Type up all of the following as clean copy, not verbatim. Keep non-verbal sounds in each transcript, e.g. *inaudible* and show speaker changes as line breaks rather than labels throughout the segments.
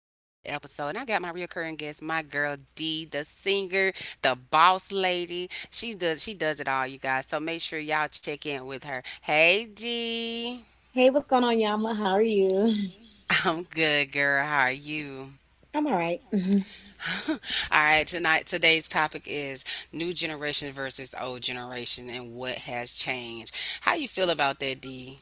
episode. And I got my reoccurring guest, my girl D, the singer, the boss lady. She does it all, you guys. So make sure y'all check in with her. Hey D.
Hey, what's going on, Yama? How are you?
*laughs* I'm good, girl. How are you?
I'm all right. *laughs* Mhm.
*laughs* All right, tonight today's topic is new generation versus old generation and what has changed. How you feel about that, D?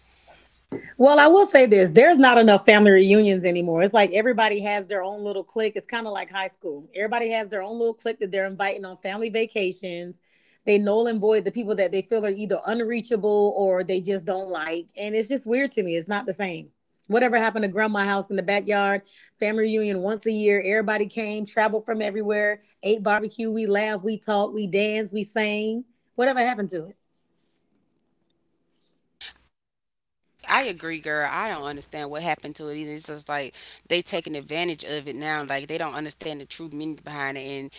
Well, I will say this, there's not enough family reunions anymore. It's like everybody has their own little clique. It's kind of like high school. Everybody has their own little clique that they're inviting on family vacations. They null and void the people that they feel are either unreachable or they just don't like. And it's just weird to me. It's not the same. Whatever happened to grandma house in the backyard, family reunion once a year, everybody came, traveled from everywhere, ate barbecue, we laughed, we talked, we danced, we sang. Whatever happened to it?
I agree, girl. I don't understand what happened to it either. It's just like they taking advantage of it now. Like they don't understand the true meaning behind it. And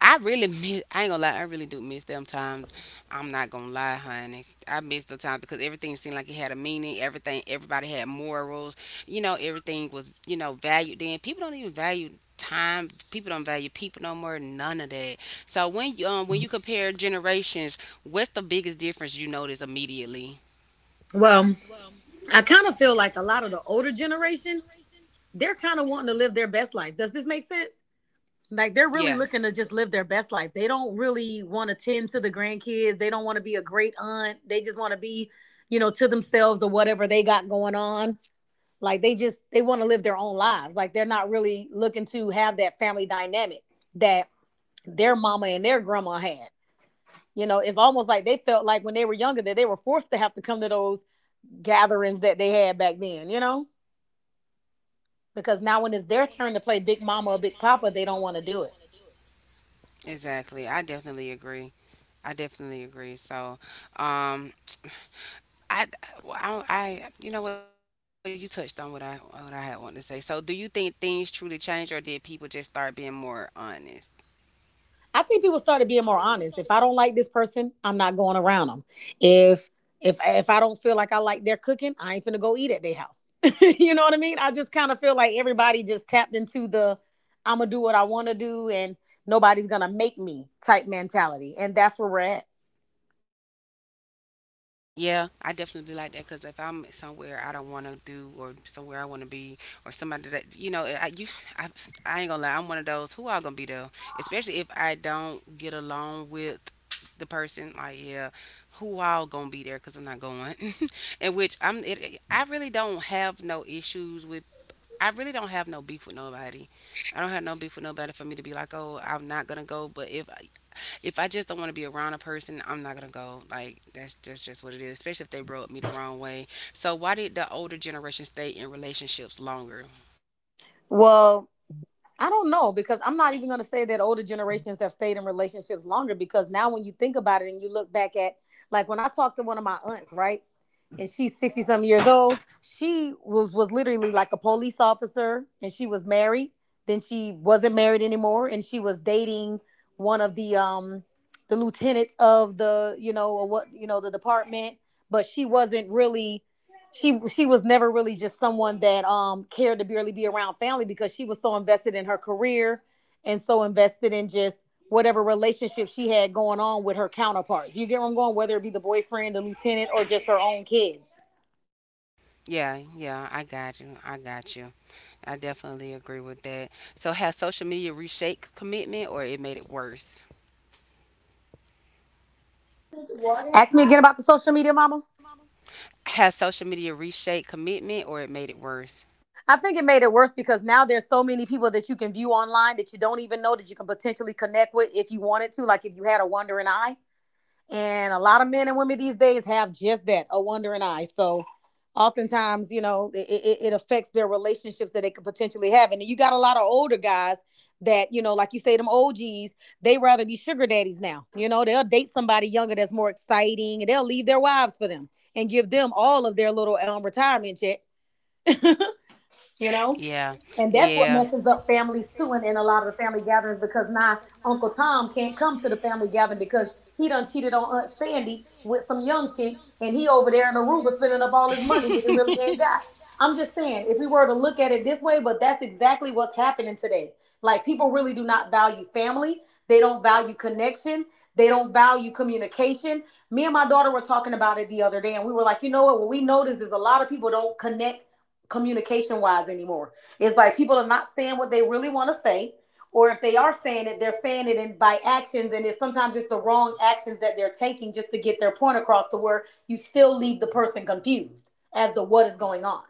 I really *laughs* miss. I ain't gonna lie. I really do miss them times. I'm not gonna lie, honey. I miss the times because everything seemed like it had a meaning. Everything. Everybody had morals. Everything was valued. Then people don't even value time, people don't value people no more, none of that. So when you compare generations, what's the biggest difference you notice immediately?
Well, I kind of feel like a lot of the older generation, they're kind of wanting to live their best life. Does this make sense? Like they're really
Yeah.
looking to just live their best life. They don't really want to tend to the grandkids. They don't want to be a great aunt. They just want to be, you know, to themselves or whatever they got going on. Like they just they want to live their own lives. Like they're not really looking to have that family dynamic that their mama and their grandma had. You know, it's almost like they felt like when they were younger that they were forced to have to come to those gatherings that they had back then, you know? Because now when it's their turn to play big mama or big papa, they don't want to do it.
Exactly. I definitely agree. I definitely agree. So, um, I, well, you know what? You touched on what what I had wanted to say. So, do you think things truly changed, or did people just start being more honest?
I think people started being more honest. If I don't like this person, I'm not going around them. If if I don't feel like I like their cooking, I ain't finna go eat at their house. *laughs* You know what I mean? I just kind of feel like everybody just tapped into the I'm gonna do what I want to do and nobody's gonna make me type mentality, and that's where we're at.
Yeah, I definitely be like that because if I'm somewhere I don't want to do or somewhere I want to be or somebody that I, I ain't gonna lie, I'm one of those who all gonna be there, especially if I don't get along with the person, like, yeah, who all gonna be there, because I'm not going. *laughs* And I really don't have no issues with. I really don't have no beef with nobody. I don't have no beef with nobody for me to be like, oh, I'm not gonna go. But if I just don't want to be around a person, I'm not gonna go. Like that's just what it is. Especially if they brought me the wrong way. So why did the older generation stay in relationships longer?
Well, I don't know, because I'm not even going to say that older generations have stayed in relationships longer, because now when you think about it and you look back at like when I talked to one of my aunts, right? And she's 60 some years old, she was literally like a police officer and she was married, then she wasn't married anymore and she was dating one of the lieutenants of the, you know, or what, you know, the department, but she wasn't really, she was never really just someone that cared to barely be around family because she was so invested in her career and so invested in just whatever relationship she had going on with her counterparts. You get where I'm going, whether it be the boyfriend, the lieutenant, or just her own kids.
Yeah, yeah, I got you. I got you. I definitely agree with that. So has social media reshaped commitment or it made it worse?
Ask me again about the social media, mama.
Has social media reshaped commitment or it made it worse?
I think it made it worse because now there's so many people that you can view online that you don't even know that you can potentially connect with if you wanted to, like if you had a wandering eye. And a lot of men and women these days have just that, a wandering eye. So oftentimes, you know, it affects their relationships that they could potentially have. And you got a lot of older guys that, you know, like you say, them OGs, they rather be sugar daddies now. You know, they'll date somebody younger that's more exciting and they'll leave their wives for them and give them all of their little retirement check, you know?
Yeah.
And that's what
Yeah.
messes up families too, and in a lot of the family gatherings, because now Uncle Tom can't come to the family gathering because he done cheated on Aunt Sandy with some young chick, and he over there in Aruba spending up all his money that he really ain't got. I'm just saying, if we were to look at it this
*laughs*
way, but that's exactly what's happening today. Like people really do not value family, they don't value connection, they don't value communication. Me and my daughter were talking about it the other day, and we were like, you know what? What we notice is a lot of people don't connect communication wise anymore. It's like people are not saying what they really want to say, or if they are saying it, they're saying it in by actions, and it's sometimes just the wrong actions that they're taking just to get their point across, to where you still leave the person confused as to what is going on.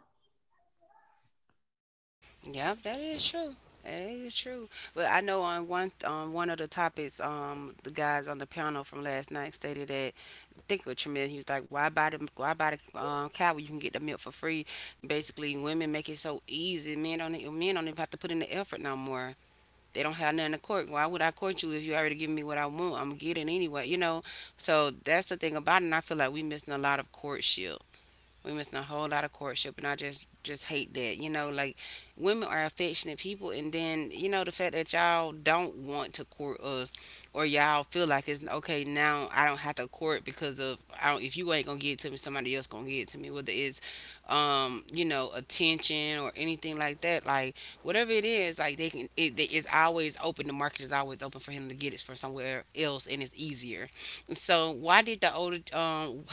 Yep, that is true. That is true. But I know on one of the topics, the guys on the panel from last night stated that I think what you meant. He was like, "Why buy the, why buy the cow when you can get the milk for free?" Basically, women make it so easy. Men don't men don't even have to put in the effort no more. They don't have nothing to court. Why would I court you if you already giving me what I want? I'm gonna get it anyway, you know. So that's the thing about it. And I feel like we missing a lot of courtship, we missing a whole lot of courtship, and I just hate that. You know, like, women are affectionate people, and then you know the fact that y'all don't want to court us, or y'all feel like it's okay now. I don't have to court because of I don't. If you ain't gonna get it to me, somebody else gonna get it to me. Whether it's you know attention or anything like that, like whatever it is, like they can. It's always open. The market is always open for him to get it from somewhere else, and it's easier. So why did the older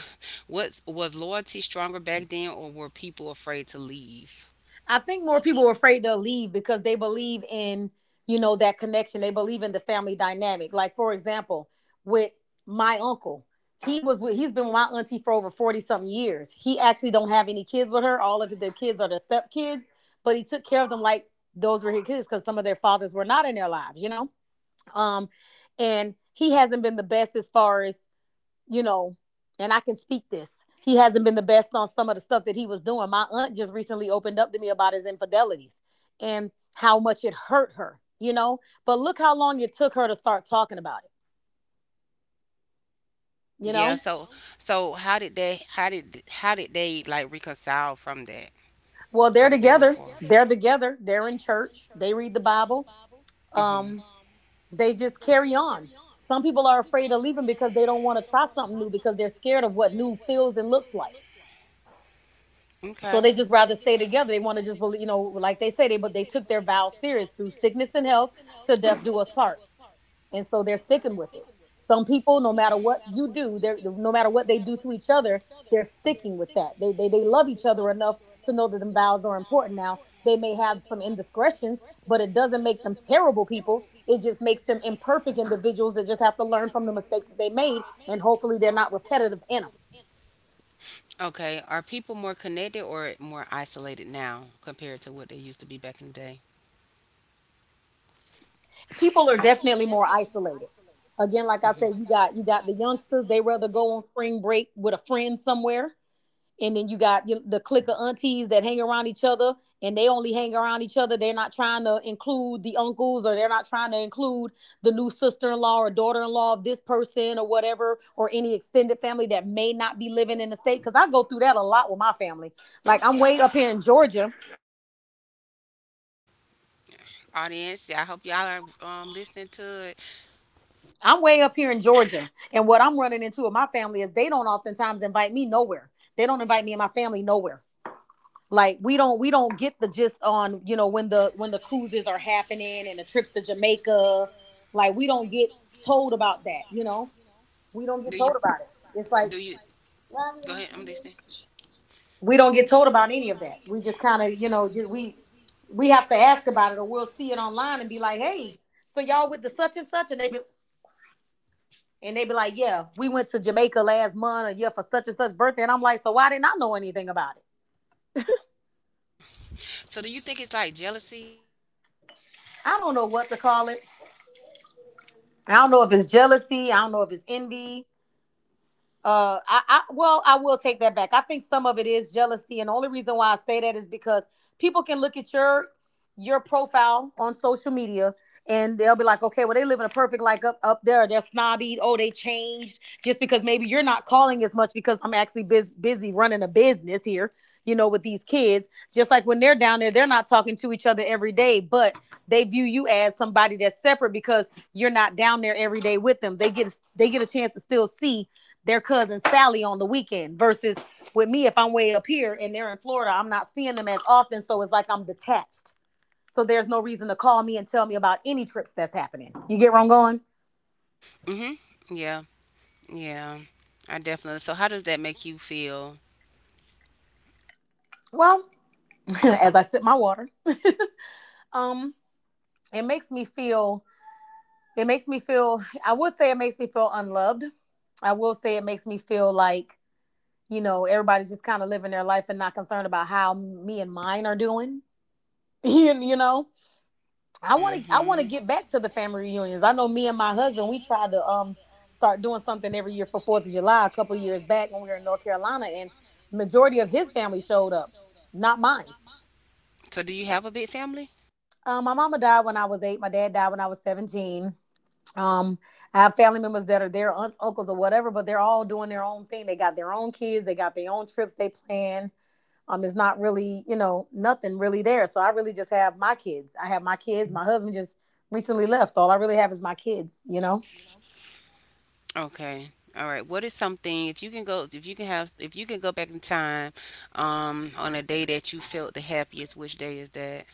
what's, was loyalty stronger back then, or were people afraid to leave?
I think more people were afraid to leave because they believe in, you know, that connection. They believe in the family dynamic. Like for example, with my uncle, he was with, he's been with my auntie for over 40 something years. He actually don't have any kids with her. All of the kids are the stepkids, but he took care of them like those were his kids because some of their fathers were not in their lives, you know? Um, and he hasn't been the best as far as, you know, and I can speak this. He hasn't been the best on some of the stuff that he was doing. My aunt just recently opened up to me about his infidelities and how much it hurt her, you know. But look how long it took her to start talking about it, you
Yeah.
know.
So how did they, how did they like reconcile from that?
Well,
How
they're
did they move
together.
forward?
They're together. They're in church. They read the Bible. Um,
Mm-hmm.
they just carry on. Some people are afraid of leaving because they don't want to try something new because they're scared of what new feels and looks like. So
Okay.
they just rather stay together. They want to just believe, you know, like they say, they but they took their vow serious through sickness and health, to death do us part, and so they're sticking with it. Some people, no matter what you do, they're no matter what they do to each other, they're sticking with that. They love each other enough to know that them vows are important. Now they may have some indiscretions, but it doesn't make them terrible people. It just makes them imperfect individuals that just have to learn from the mistakes that they made, and hopefully they're not repetitive in them.
Okay. Are people more connected or more isolated now compared to what they used to be back in the day?
People are definitely more isolated. Again, like I said, you got the youngsters; they rather go on spring break with a friend somewhere, and then you got the clique of aunties that hang around each other, and they only hang around each other. They're not trying to include the uncles, or they're not trying to include the new sister-in-law or daughter-in-law of this person, or whatever, or any extended family that may not be living in the state. Because I go through that a lot with my family. Like I'm way up here in Georgia,
Audience, yeah, I hope y'all are listening to it.
I'm way up here in Georgia, and what I'm running into with my family is they don't oftentimes invite me nowhere. They don't invite me and my family nowhere. Like we don't get the gist on, you know, when the cruises are happening and the trips to Jamaica. Like we don't get told about that. You know, we don't
Do
get
you
told about it. It's like
do you go ahead? I'm listening.
we don't get told about any of that. We just kind of, you know, just we have to ask about it or we'll see it online and be like, hey, so y'all with the such and such, and they be And they be like, yeah, we went to Jamaica last month, or yeah, for such and such birthday. And I'm like, so why didn't I know anything about it?
So do you think it's like jealousy?
I don't know what to call it. I don't know if it's jealousy. I don't know if it's envy. I will take that back. I think some of it is jealousy, and the only reason why I say that is because people can look at your profile on social media and they'll be like, okay, well, they live in a perfect life up there. They're snobby. Oh, they changed just because maybe you're not calling as much because I'm actually busy running a business here. You know, with these kids, just like when they're down there, they're not talking to each other every day, but they view you as somebody that's separate because you're not down there every day with them. They get a chance to still see their cousin Sally on the weekend versus with me. If I'm way up here and they're in Florida, I'm not seeing them as often, so it's like I'm detached. So there's no reason to call me and tell me about any trips that's happening. You get where I'm going?
Mm-hmm. Yeah. Yeah. I definitely. So how does that make you feel?
Well, *laughs* as I sip my water, um, it makes me feel I would say it makes me feel unloved. I will say it makes me feel like, everybody's just kind of living their life and not concerned about how me and mine are doing. *laughs* you know? I want to
Hmm.
get back to the family reunions. I know me and my husband, we tried to start doing something every year for Fourth of July a couple of years back when we were in North Carolina, and majority of his family showed up, not mine.
So do you have a big family?
My mama died when I was eight. My dad died when I was 17. Um, I have family members that are their aunts, uncles, or whatever, but they're all doing their own thing. They got their own kids. They got their own trips they plan. It's not really, nothing really there, so I really just have my kids. I have my kids. My husband just recently left, so all I really have is my kids.
Okay. All right. What is something, if you can go, if you can have, if you can go back in time, on a day that you felt the happiest, which day is that?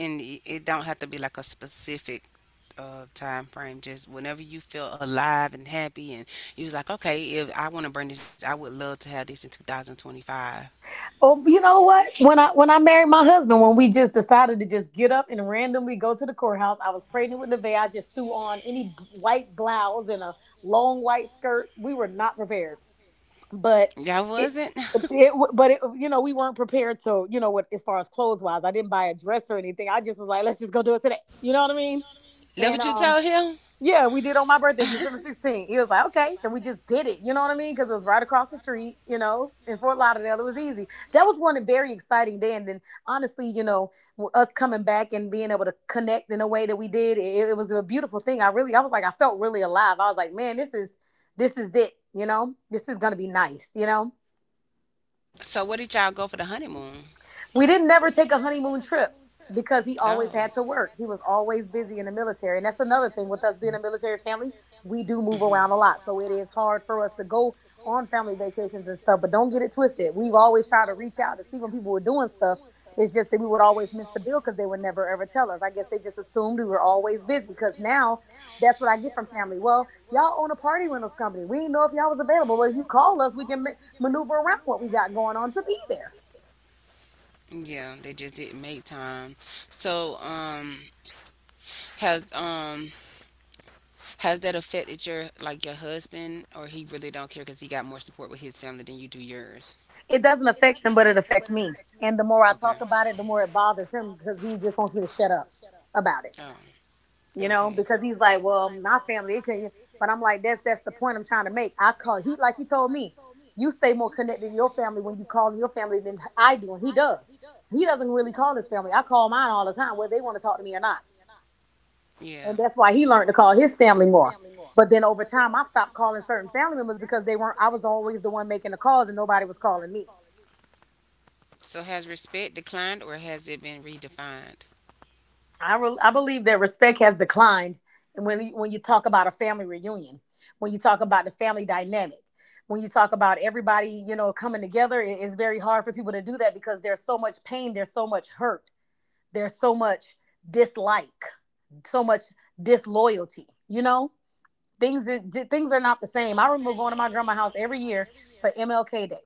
And it don't have to be like a specific time frame, just whenever you feel alive and happy and you was like, okay, if I wanna bring this, I would love to have this in 2025.
Oh, you know what? When I married my husband, when we just decided to just get up and randomly go to the courthouse, I was pregnant with Nevaeh. I just threw on any white blouse and a long white skirt. We were not prepared, but
Y'all
it,
wasn't? *laughs* That
it but it, you know we weren't prepared to you know what as far as clothes wise I didn't buy a dress or anything. I just was like, let's just go do it today. You know what I mean? and
what you
um
told him?
yeah, we did on my birthday, *laughs* December 16th. He was like, okay. And we just did it. You know what I mean? Because it was right across the street, you know, in Fort Lauderdale. It was easy. That was one very exciting day. And then, honestly, you know, us coming back and being able to connect in a way that we did, it was a beautiful thing. I was like, I felt really alive. I was like, man, this is it. You know, this is going to be nice, you know?
So where did y'all go for the honeymoon?
We didn't never take a honeymoon trip because he
Because
always
he
had to work. He
Oh,
was always busy in the military. And that's another thing with us being a military family, we do move around a lot. So it is hard for us to go on family vacations and stuff, but don't get it twisted. We've always tried to reach out to see when people were doing stuff. It's just that we would always miss the bill because they would never ever tell us. I guess they just assumed we were always busy, because now that's what I get from family. Well, y'all own a party rentals company. We didn't know if y'all was available. Well, if you call us, we can maneuver around what we got going on to be there.
yeah, they just didn't make time. So, has um has that affected your like your husband, or he really don't care because he got more support with his family than you do yours?
It doesn't affect him, but it affects me. And the more I
Okay.
talk about it, the more it bothers him because he just wants me to shut up about it.
to get Oh,
You
out.
know,
Okay.
because he's like, well, my family, it can. But I'm like, that's the point I'm trying to make. I call, he like he told me, you stay more connected to your family when you call your family than I do, and he does. He doesn't really call his family. I call mine all the time, whether they want to talk to me or not.
Yeah.
And that's why he learned to call his family more. But then over time, I stopped calling certain family members because they weren't. I was always the one making the calls, and nobody was calling me.
So has respect declined, or has it been redefined?
I believe that respect has declined. And when you talk about a family reunion, when you talk about the family dynamic, when you talk about everybody, you know, coming together, it's very hard for people to do that because there's so much pain, there's so much hurt, there's so much dislike, so much disloyalty. You know, things things are not the same. I remember going to my grandma's house every year for MLK Day.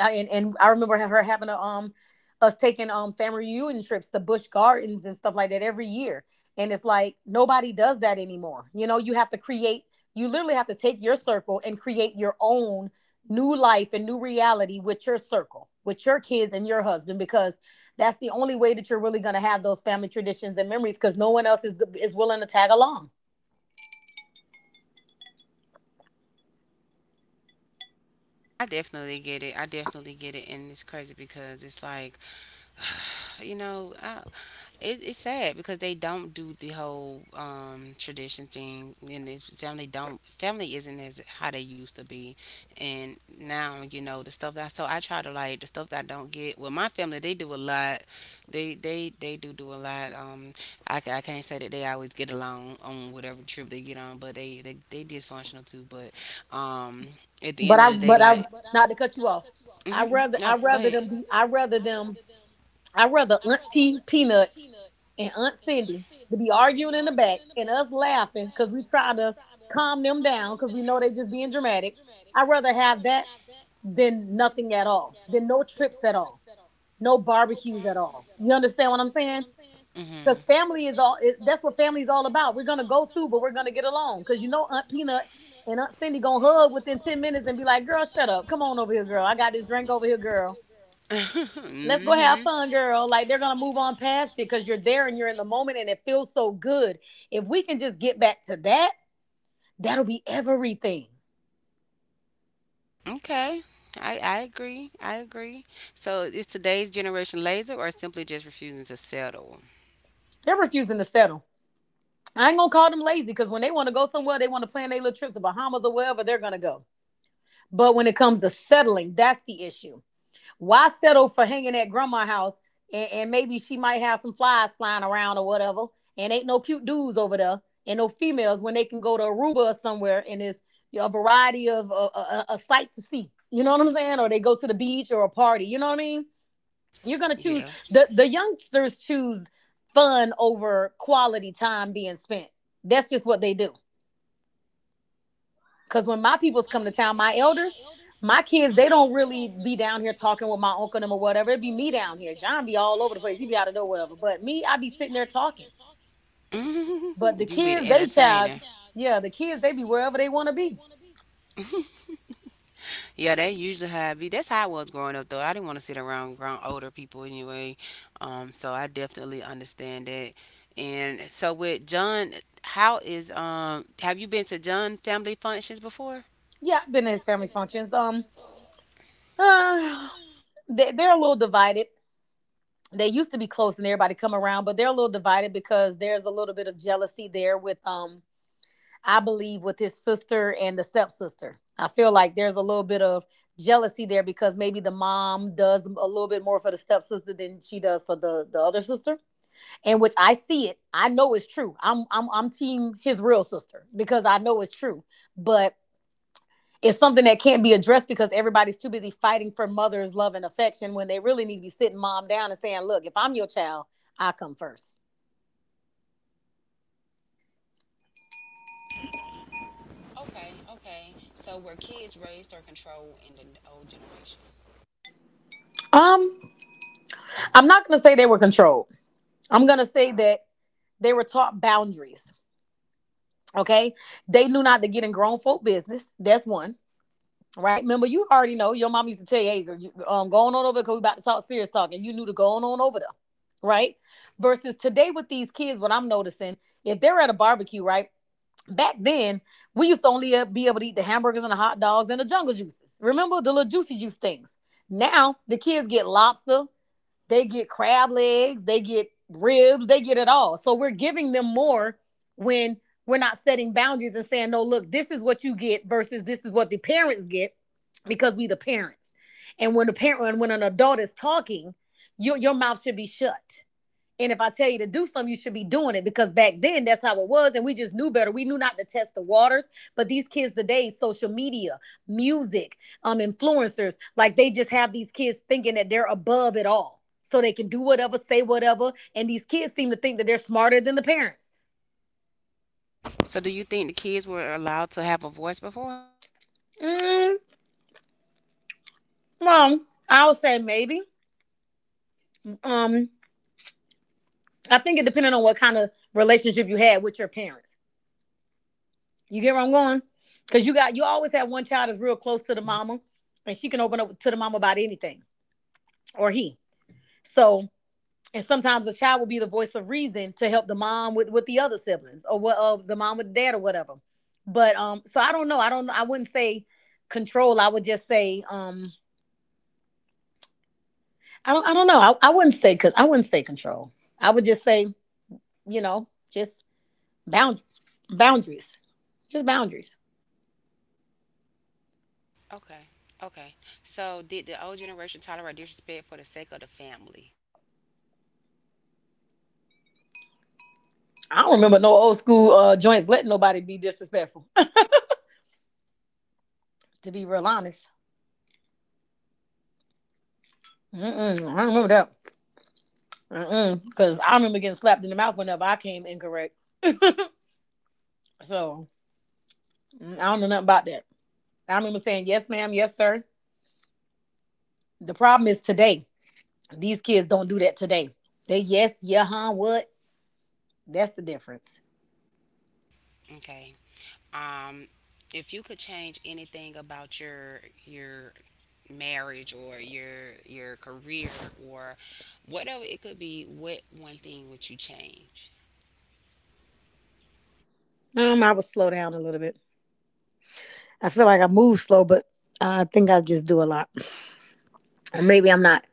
And I remember us taking family reunion trips to Busch Gardens and stuff like that every year. And it's like nobody does that anymore. You know, you have to create. You literally have to take your circle and create your own new life and new reality with your circle, with your kids and your husband, because that's the only way that you're really going to have those family traditions and memories. Because no one else is willing to tag along.
I definitely get it. I definitely get it, and it's crazy because it's like, you know, I, it's sad because they don't do the whole, tradition thing, and this family don't family isn't as how they used to be, and now you know the stuff that, so I try to like the stuff that I don't get. Well, my family they do a lot, they do do a lot. I can't say that they always get along on whatever trip they get on, but they dysfunctional too. But um, at the
But
end of
I,
the day,
but I,
like,
not to cut you off. I
hmm.
rather, I
No, go
rather
ahead.
them be, I rather them, I rather Auntie Peanut and Aunt Cindy to be arguing in the back and us laughing because we trying to calm them down because we know they just being dramatic. I rather have that than nothing at all, than no trips at all, no barbecues at all. You understand what I'm saying? Cause
Hmm.
family is all. That's what family is all about. We're gonna go through, but we're gonna get along. Cause you know Aunt Peanut and Aunt Cindy gonna hug within 10 minutes and be like, "Girl, shut up. Come on over here, girl. I got this drink over here, girl. Let's go have
Hmm.
fun, girl."
*laughs*
Like they're gonna move on past it because you're there and you're in the moment and it feels so good. If we can just get back to that, that'll be everything.
Okay. I agree. I agree. So is today's generation lazy or simply just refusing to settle?
They're refusing to settle. I ain't gonna call them lazy because when they want to go somewhere, they want to plan their little trips to Bahamas or wherever they're gonna go. But when it comes to settling, that's the issue. Why settle for hanging at grandma's house, and maybe she might have some flies flying around or whatever? And ain't no cute dudes over there and no females when they can go to Aruba or somewhere and it's a variety of a sight to see. You know what I'm saying? Or they go to the beach or a party. You know what I mean? You're gonna choose
Yeah.
the youngsters choose fun over quality time being spent. That's just what they do. Cause when my peoples come to town, my elders, my kids, they don't really be down here talking with my uncle and them or whatever. It be me down here. John be all over the place. He be out of nowhere. But me, I be sitting there talking.
*laughs*
But
Hmm.
the
You be the
kids,
entertainer.
yeah, the kids, they be wherever they want to be.
Yeah, they usually have. Me. That's how I was growing up, though. I didn't want to sit around grown older people anyway. So I definitely understand that. And so with John, how is um? Have you been to John family functions before?
Yeah, I've been to his family functions. *sighs* Uh, they're a little divided. They used to be close and everybody come around, but they're a little divided because there's a little bit of jealousy there with I believe, with his sister and the stepsister. I feel like there's a little bit of jealousy there because maybe the mom does a little bit more for the stepsister than she does for the other sister. And which I see it. I know it's true. I'm team his real sister because I know it's true. But it's something that can't be addressed because everybody's too busy fighting for mother's love and affection when they really need to be sitting mom down and saying, look, if I'm your child, I come first.
Okay, okay. So were kids raised or controlled in the old generation?
Um, I'm not gonna say they were controlled. I'm gonna say that they were taught boundaries. Okay. They knew not to get in grown folk business. That's one. Right. Remember, you already know your mom used to tell you, hey, going on over because we about to talk serious talk. And you knew to go on over there. Right. Versus today with these kids, what I'm noticing, if they're at a barbecue, right? Back then, we used to only be able to eat the hamburgers and the hot dogs and the jungle juices. Remember the little juicy juice things. Now the kids get lobster, they get crab legs, they get ribs, they get it all. So we're giving them more when we're not setting boundaries and saying, no, look, this is what you get versus this is what the parents get because we the parents. And when the parent when an adult is talking, your mouth should be shut, and if I tell you to do something, you should be doing it because back then that's how it was, and we just knew better. We knew not to test the waters. But these kids today, social media, music, influencers, like they just have these kids thinking that they're above it all, so they can do whatever, say whatever, and these kids seem to think that they're smarter than the parents.
So do you think the kids were allowed to have a voice before?
Mm, well, I would say maybe. Um, I think it depended on what kind of relationship you had with your parents. You get where I'm going? Because you always have one child that's real close to the mama, and she can open up to the mama about anything or he. So and sometimes the child will be the voice of reason to help the mom with the other siblings or what of the mom with the dad or whatever. But so I don't know. I don't. I wouldn't say control. I would just say I don't. I don't know. I wouldn't say cause I wouldn't say control. I would just say just boundaries, boundaries, just boundaries.
Okay, okay. So did the old generation tolerate disrespect for the sake of the family?
I don't remember no old school joints letting nobody be disrespectful, to be real honest. Mm-mm, I don't remember that. Mm-mm, because I remember getting slapped in the mouth whenever I came incorrect. So I don't know nothing about that. I remember saying, yes, ma'am, yes, sir. The problem is today. These kids don't do that today. They yes, yeah, huh, what? That's the difference.
Okay. Um, if you could change anything about your marriage or your career or whatever it could be, what one thing would you change?
I would slow down a little bit. I feel like I move slow, but I think I just do a lot. Or maybe I'm not.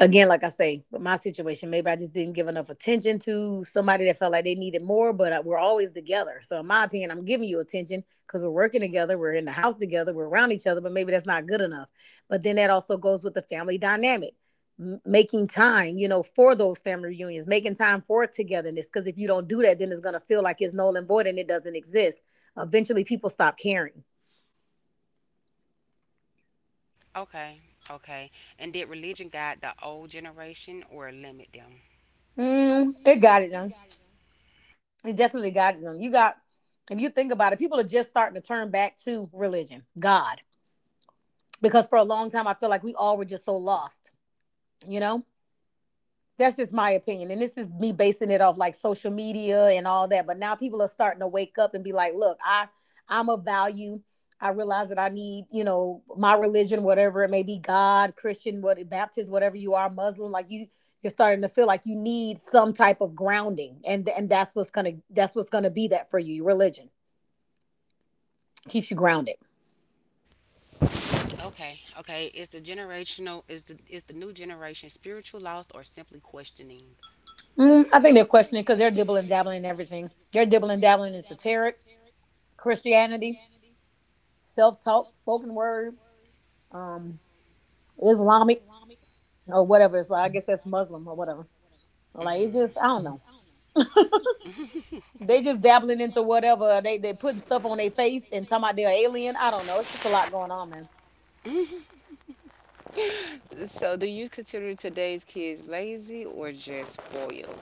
Again, like I say, with my situation, maybe I just didn't give enough attention to somebody that felt like they needed more, but we're always together. So, in my opinion, I'm giving you attention because we're working together, we're in the house together, we're around each other, but maybe that's not good enough. But then that also goes with the family dynamic. Making time, for those family reunions, making time for togetherness. Because if you don't do that, then it's going to feel like it's null and void and it doesn't exist. Eventually, people stop caring.
Okay, okay. And did religion guide the old generation or limit them?
It got it now. It definitely got them. You got, if you think about it, people are just starting to turn back to religion, God. Because for a long time, I feel like we all were just so lost, you know? That's just my opinion. And this is me basing it off like social media and all that. But now people are starting to wake up and be like, look, I'm of value. I realize that I need, my religion, whatever it may be, God, Christian, what Baptist, whatever you are, Muslim, like you're starting to feel like you need some type of grounding. And that's what's gonna be that for you, religion keeps you grounded.
Okay, okay. Is the new generation spiritual lost or simply questioning?
I think they're questioning because they're dibbling dabbling in everything. They're dibbling dabbling into tarot, Christianity, self talk, spoken word, um, Islamic or whatever. It's well, I guess that's Muslim or whatever. Like it just I
Hmm.
don't know. They
*laughs*
just dabbling into whatever. They putting stuff on their face and talking about they're alien. I don't know. It's just a lot going on, man.
So, do you consider today's kids lazy or just spoiled?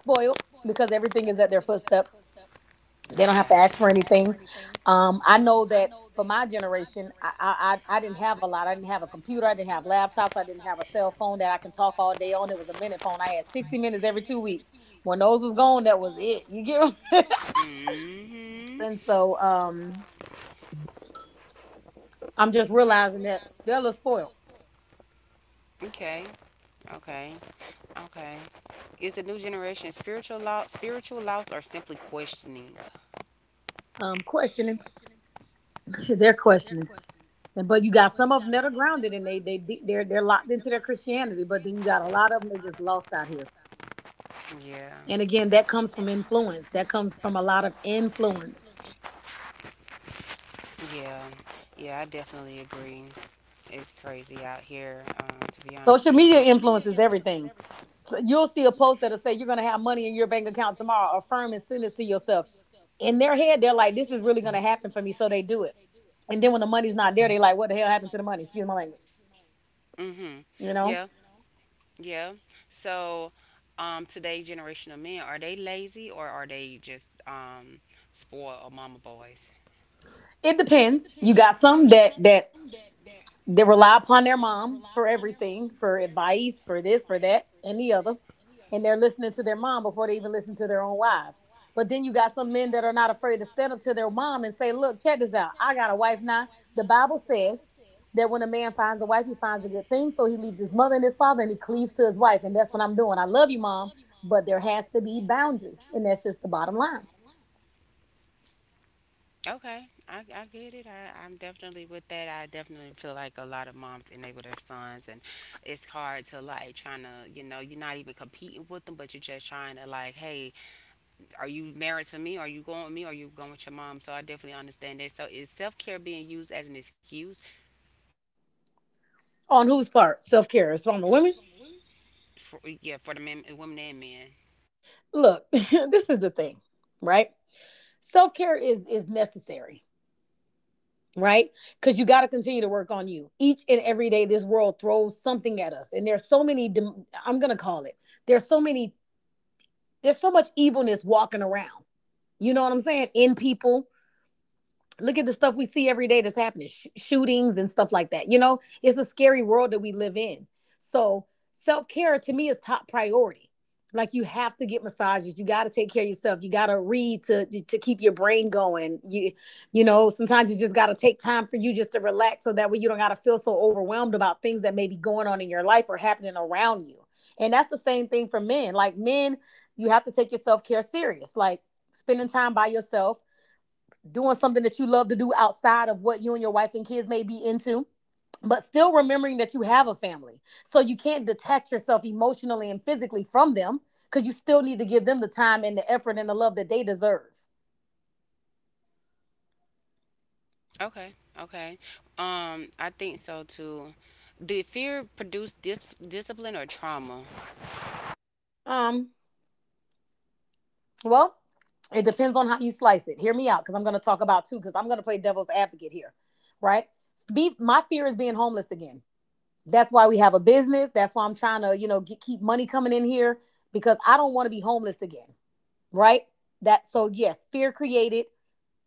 Spoiled because everything is at their footsteps. They don't have to
Gotcha.
ask for anything. I know that for my generation, I didn't have a lot. I didn't have a computer. I didn't have laptops. I didn't have a cell phone that I can talk all day on. It was a minute phone. I had 60 minutes every 2 weeks. When those was gone, that was it. You get. What? *laughs*
Hmm.
And so I'm just realizing that they're a little spoiled.
Okay. Okay. Okay. Is the new generation spiritual lost, or simply questioning?
Questioning, *laughs* they're questioning. But you got some of them that are grounded and they're locked into their Christianity. But then you got a lot of them they just lost out here.
Yeah.
And again, that comes from influence. That comes from a lot of influence.
Yeah. Yeah. I definitely agree. It's crazy out here. To be honest
Social
with you.
media
Social media
influences
is
everything.
everything.
So you'll see a post that'll say you're going to have money in your bank account tomorrow. Affirm and send this to yourself. In their head, they're like, this is really going to happen for me. So they do it. And then when the money's not there, they're like, what the hell happened to the money? Excuse my language.
Mm-hmm.
You
Yeah,
know,
yeah. So, today generational men, are they lazy or are they just spoiled or mama boys?
it depends. You got some that they rely upon their mom for everything, for advice, for this, for that, and the other. And they're listening to their mom before they even listen to their own wives. But then you got some men that are not afraid to stand up to their mom and say, look, check this out. I got a wife now. The Bible says that when a man finds a wife, he finds a good thing. So he leaves his mother and his father and he cleaves to his wife. And that's what I'm doing. I love you, mom, but there has to be boundaries. And that's just the bottom line.
Okay, I get it. I'm definitely with that. I definitely feel like a lot of moms enable their sons, and it's hard to like trying to, you know, you're not even competing with them, but you're just trying to like, hey, are you married to me? Are you going with me? Are you going with your mom? So I definitely understand that. So is self care being used as an excuse
On whose part? Self care. It's on the women.
for the men, women and men?
Look, *laughs* this is the thing, right? Self care is necessary, right? Because you got to continue to work on you. Each and every day, this world throws something at us, and there's so many. I'm gonna call it. There's so many. There's so much evilness walking around. You know what I'm saying? In people, look at the stuff we see every day that's happening, shootings and stuff like that. You know, it's a scary world that we live in. So self-care to me is top priority. Like you have to get massages, you got to take care of yourself, you got to read to keep your brain going. You know, sometimes you just got to take time for you just to relax, so that way you don't got to feel so overwhelmed about things that may be going on in your life or happening around you. And that's the same thing for men, like men, you have to take your self-care serious, like spending time by yourself, doing something that you love to do outside of what you and your wife and kids may be into, but still remembering that you have a family, so you can't detach yourself emotionally and physically from them because you still need to give them the time and the effort and the love that they deserve.
Okay, okay. I think so too. Did fear produce discipline or trauma?
um well, it depends on how you slice it. Hear me out, because I'm going to talk about two because I'm going to play devil's advocate here, right? be My fear is being homeless again. That's why we have a business, that's why I'm trying to, keep money coming in here, because I don't want to be homeless again, right? That so yes, fear created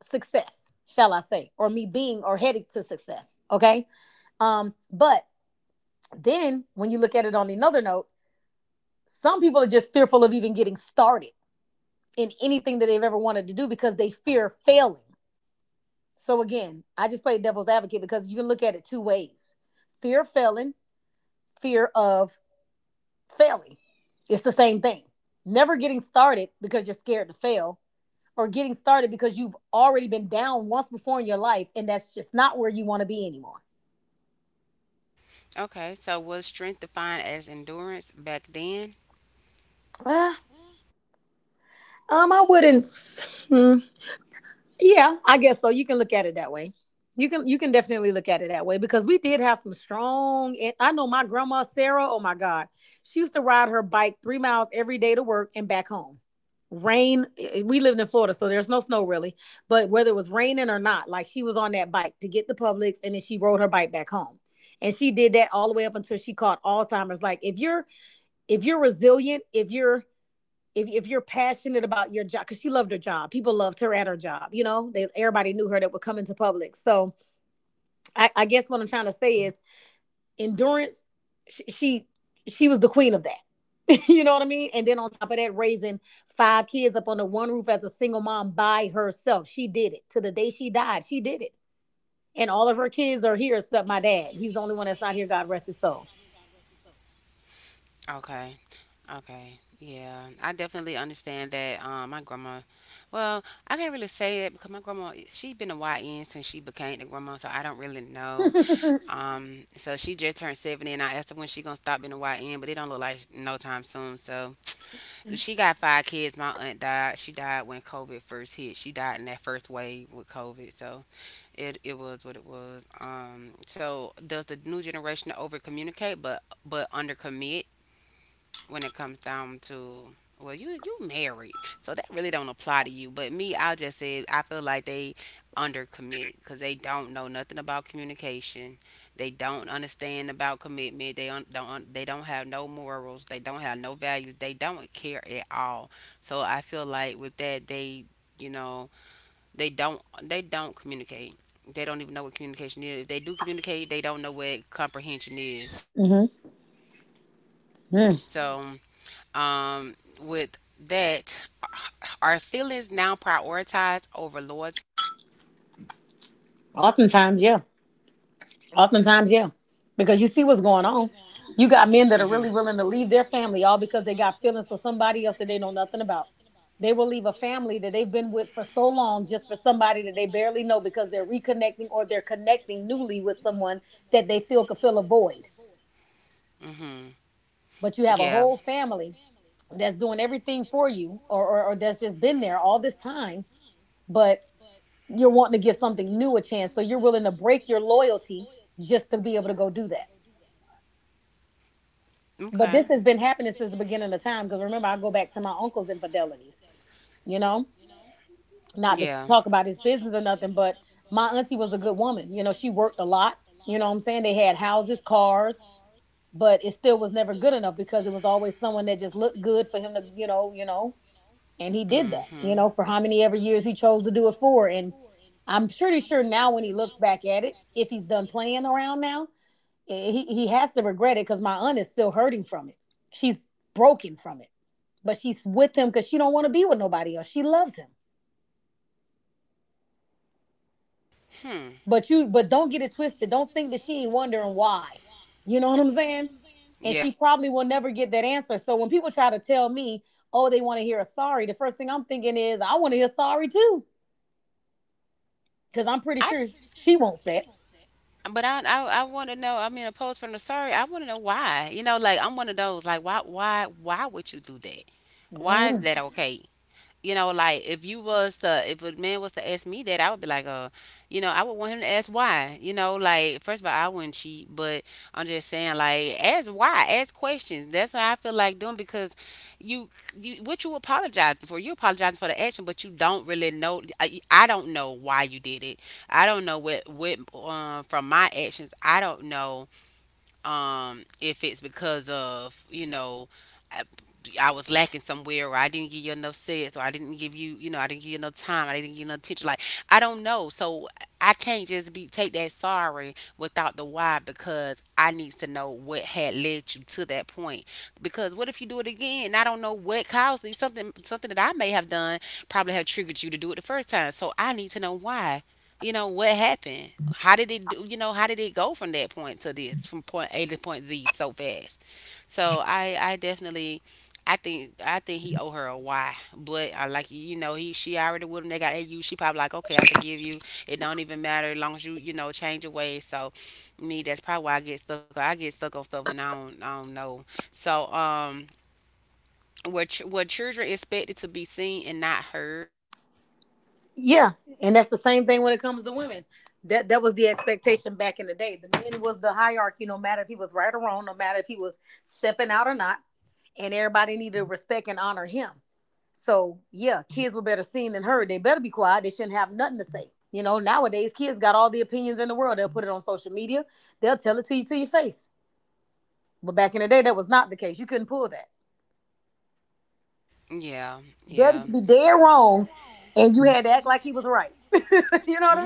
success, shall I say, or me being or headed to success. Okay. But then when you look at it on another note, some people are just fearful of even getting started in anything that they've ever wanted to do because they fear failing. So again, I just play devil's advocate because you can look at it two ways. Fear of failing, fear of failing. It's the same thing. Never getting started because you're scared to fail, or getting started because you've already been down once before in your life and that's just not where you want to be anymore.
Okay, so was strength defined as endurance back then?
Uh, I wouldn't. Hmm. Yeah, I guess so. You can look at it that way. You can definitely look at it that way because we did have some strong, and I know my grandma Sarah, oh my God. She used to ride her bike 3 miles every day to work and back home. Rain, we lived in Florida, so there's no snow really, but whether it was raining or not, like she was on that bike to get the Publix and then she rode her bike back home. And she did that all the way up until she caught Alzheimer's. Like if you're resilient, if you're if you're passionate about your job, because she loved her job, people loved her at her job. You know, they, everybody knew her that would come into public. So I guess what I'm trying to say is endurance. She she, she was the queen of that. *laughs* You know what I mean? And then on top of that, raising five kids up under one roof as a single mom by herself, she did it to the day she died. She did it, and all of her kids are here except my dad. He's the only one that's not here. God rest his soul.
Okay, okay. Yeah, I definitely understand that. My grandma, well, I can't really say that because my grandma, she been a YN since she became the grandma, so I don't really know.
*laughs*
So she just turned 70, and I asked her when she gonna stop being a YN, but it don't look like no time soon. So *tsk* she got five kids. My aunt died. She died when COVID first hit. She died in that first wave with COVID. So it was what it was. So does the new generation over communicate, but under commit when it comes down to, well, you married, so that really don't apply to you. But me, I just said I feel like they under commit because they don't know nothing about communication. They don't understand about commitment. They don't have no morals. They don't have no values. They don't care at all. So I feel like with that they, you know, they don't communicate. They don't even know what communication is. If they do communicate, they don't know what comprehension is.
Mm-hmm.
So, um, with that, are feelings now prioritized over loyalty?
Oftentimes, yeah. Oftentimes, yeah. Because you see what's going on. You got men that are
Hmm.
really willing to leave their family all because they got feelings for somebody else that they know nothing about. They will leave a family that they've been with for so long just for somebody that they barely know because they're reconnecting or they're connecting newly with someone that they feel could fill a void.
About. Hmm.
But you have a
Yeah.
whole family that's doing everything for you or that's just been there all this time, but you're wanting to give something new a chance. So you're willing to break your loyalty just to be able to go do that.
Yeah,
But
okay.
this has been happening since the beginning of time. Because remember, I go back to my uncle's infidelities. You know, not to
Yeah.
talk about his business or nothing, but my auntie was a good woman. You know, she worked a lot. You know what I'm saying? They had houses, cars, but it still was never good enough because it was always someone that just looked good for him to. And he did that, you
Hmm.
know, for how many ever years he chose to do it for. And I'm pretty sure now when he looks back at it, if he's done playing around now, he has to regret it because my aunt is still hurting from it. She's broken from it, but she's with him because she don't want to be with nobody else. She loves him,
Hmm.
but don't get it twisted. Don't think that she ain't wondering why. You know what I'm saying? And
Yeah.
she probably will never get that answer. So when people try to tell me, oh, they want to hear a sorry, the first thing I'm thinking is I want to hear sorry too because I'm pretty
I
sure she wants that.
But I want to know. I mean, opposed from the sorry, I want to know why. You know, like I'm one of those. Like why why would you do that? Why is that
Mm-hmm.
okay? You know, like if a man was to ask me that, I would be like, you know, I would want him to ask why. You know, like first of all, I wouldn't cheat, but I'm just saying, like, ask why, ask questions. That's what I feel like doing because you, you, what you apologize for, you apologizing for the action, but you don't really know. I don't know why you did it. I don't know what, from my actions, I don't know if it's because of you know I, I was lacking somewhere or I didn't give you enough sex or I didn't give you you know I didn't give you enough time I didn't give you enough attention like I don't know. So I can't just be take that sorry without the why, because I need to know what had led you to that point, because what if you do it again and I don't know what caused it. Something something that I may have done probably have triggered you to do it the first time, so I need to know why. You know what happened. How did it do you know how did it go from that point to this, from point a to point z so fast. So I definitely, I think he owe her a why, but I like you know he she already with him they got au she probably like okay I forgive you, it don't even matter as long as you you know change your ways. So me, that's probably why I get stuck on stuff and I don't know. So, where children expected to be seen and not heard.
Yeah, and that's the same thing when it comes to women. That that was the expectation back in the day. The man was the hierarchy, no matter if he was right or wrong, no matter if he was stepping out or not, and everybody needed to respect and honor him. So yeah, kids were better seen than heard. They better be quiet. They shouldn't have nothing to say. You know, nowadays kids got all the opinions in the world. They'll put it on social media. They'll tell it to you to your face. But back in the day, that was not the case. You couldn't pull that.
Yeah.
Daddy
Yeah.
could be dead wrong, and you had to act like he was right. *laughs* You know what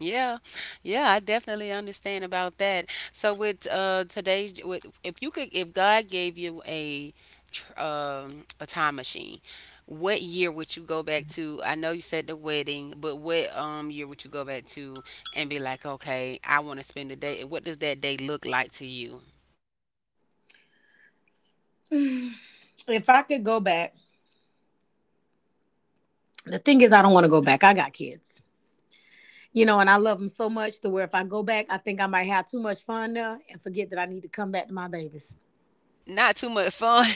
Yeah, yeah, I definitely understand about that. So with today's with if you could, if God gave you a a time machine, what year would you go back to? I know you said the wedding, but what year would you go back to and be like, "Okay, I want to spend the day." And what does that day look like to you?
I mean? If I could go back, the thing is, I don't want to go back. I got kids, you know, and I love them so much to where if I go back, I think I might have too much fun there and forget that I need to come back to my babies.
Not too much fun.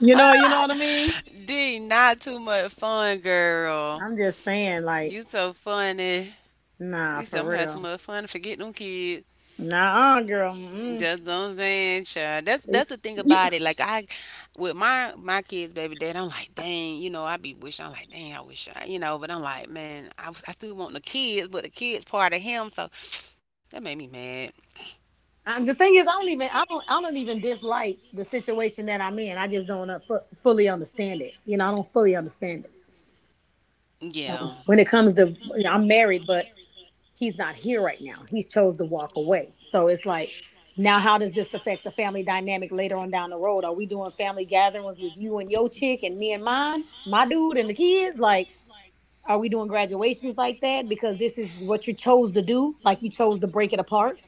You know what I mean?
*laughs* D, not too much fun, girl.
I'm just saying, like,
You so funny.
nah,
You said
for
I'm having too
real,
much fun. To Forget them kids.
nah, girl. Mm-mm.
That's what I'm saying, child. That's the thing
You-
about it. With my kids, baby dad, I'm like, dang, you know, I be wishing, I'm like, dang, you know, but I'm like, I still want the kids, but the kids part of him, so *sniffs* that made me mad.
and the thing is, I don't even dislike the situation that I'm in. I just don't fully understand it. You know, I don't fully understand it.
Yeah,
When it comes to, you know, I'm married, but he's not here right now. He chose to walk away. So it's like, now how does this affect the family dynamic later on down the road? Are we doing family gatherings with you and your chick and me and mine, my dude and the kids? Like, are we doing graduations like that? Because this is what you chose to do. Like you chose to break it apart.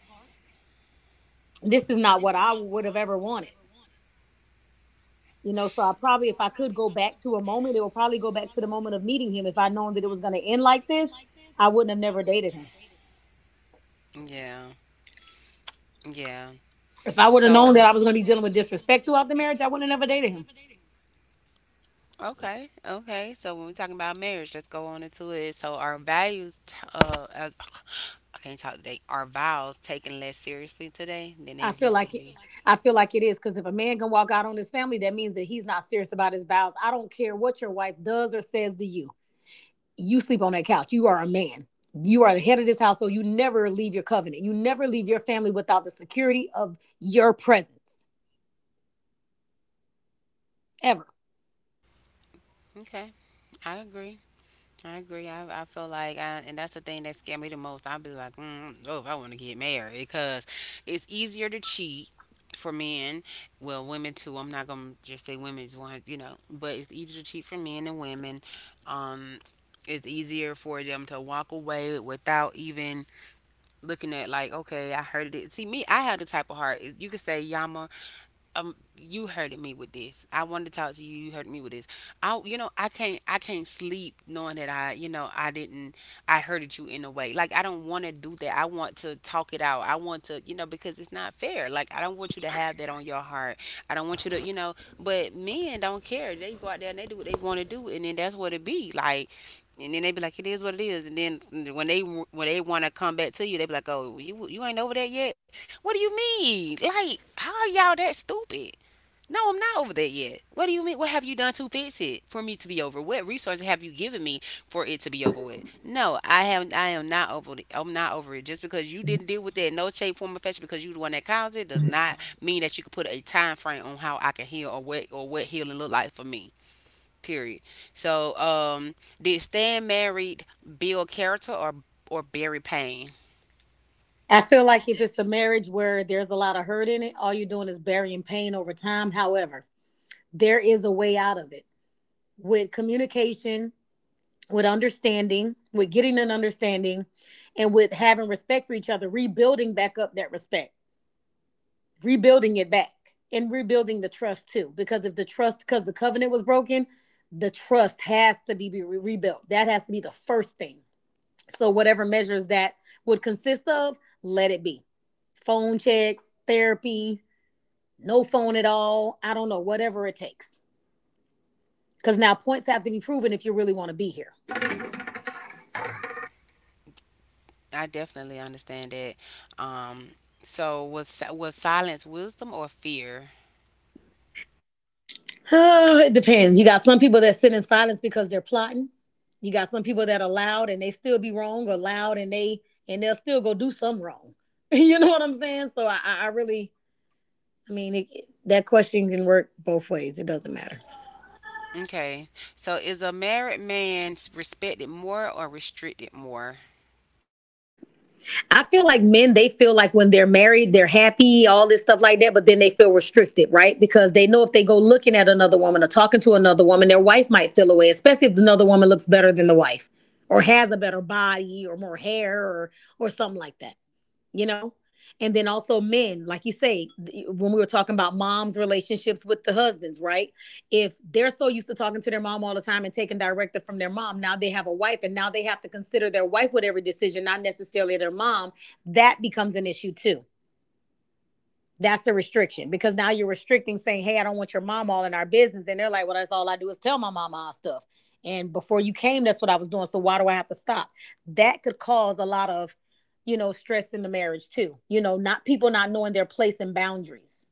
This is not what I would have ever wanted. You know, so I probably, if I could go back to a moment, it would probably go back to the moment of meeting him. If I'd known that it was going to end like this, I wouldn't have never dated him.
yeah, yeah.
If I would have known
So
that I was going to be dealing with disrespect throughout the marriage, I wouldn't have never dated him.
okay, okay. So when we're talking about marriage, let's go on into it. So our values, *sighs* I can't talk today. Our vows taken less seriously today than
I
they
feel
used to
like it.
be.
I feel like it is because if a man can walk out on his family, that means that he's not serious about his vows. I don't care what your wife does or says to you. You sleep on that couch. You are a man. You are the head of this household. You never leave your covenant. You never leave your family without the security of your presence ever.
Okay, I agree. I agree. I feel like, and that's the thing that scared me the most. I'd be like, mm, oh, if I want to get married, because it's easier to cheat for men. Well, women too. I'm not gonna just say women's one, you know, but it's easier to cheat for men and women. Um, it's easier for them to walk away without even looking at like, okay, I heard it. See, me, I have the type of heart. You could say, Yama, you hurted me with this. I wanted to talk to you. You hurt me with this. I you know I can't sleep knowing that I you know I didn't I hurted you in a way. Like I don't want to do that. I want to talk it out. I want to you know, because it's not fair. Like I don't want you to have that on your heart. I don't want you to you know. But men don't care. They go out there and they do what they want to do, and then that's what it be like. And then they be like it is what it is. And then when they want to come back to you they be like, oh, you ain't over that yet. What do you mean? Like how are y'all that stupid. No, I'm not over that yet. What do you mean? What have you done to fix it for me to be over? What resources have you given me for it to be over with? No, I have. I am not over. I'm not over it. Just because you didn't deal with that in no shape, form, or fashion, because you the one that caused it, does not mean that you can put a time frame on how I can heal or what healing look like for me. Period. So, did staying married build character or bury pain?
I feel like if it's a marriage where there's a lot of hurt in it, all you're doing is burying pain over time. However, there is a way out of it with communication, with understanding, with getting an understanding, and with having respect for each other, rebuilding back up that respect, rebuilding it back, and rebuilding the trust too. Because if the trust, because the covenant was broken, the trust has to be rebuilt. That has to be the first thing. So, whatever measures that would consist of, let it be phone checks, therapy, no phone at all. I don't know, whatever it takes. Because now points have to be proven if you really want to be here.
I definitely understand that. Um, so was silence wisdom or fear?
*sighs* Oh, it depends. You got some people that sit in silence because they're plotting. You got some people that are loud and they still be wrong, or loud and they'll still go do some wrong. *laughs* You know what I'm saying? So I really, I mean, that question can work both ways. It doesn't matter.
Okay. So is a married man respected more or restricted more?
I feel like men, they feel like when they're married, they're happy, all this stuff like that, but then they feel restricted, right? Because they know if they go looking at another woman or talking to another woman, their wife might feel away, especially if another woman looks better than the wife or has a better body or more hair, or something like that you know and then also, men, like you say, when we were talking about moms' relationships with the husbands, right, if they're so used to talking to their mom all the time and taking directive from their mom, now they have a wife and now they have to consider their wife with every decision, not necessarily their mom. That becomes an issue too. That's the restriction, because now you're restricting, saying, "Hey, I don't want your mom all in our business." And they're like, "Well, that's all I do is tell my mom our stuff. And before you came, that's what I was doing. So why do I have to stop?" That could cause a lot of, you know, stress in the marriage too. You know, not people not knowing their place and boundaries.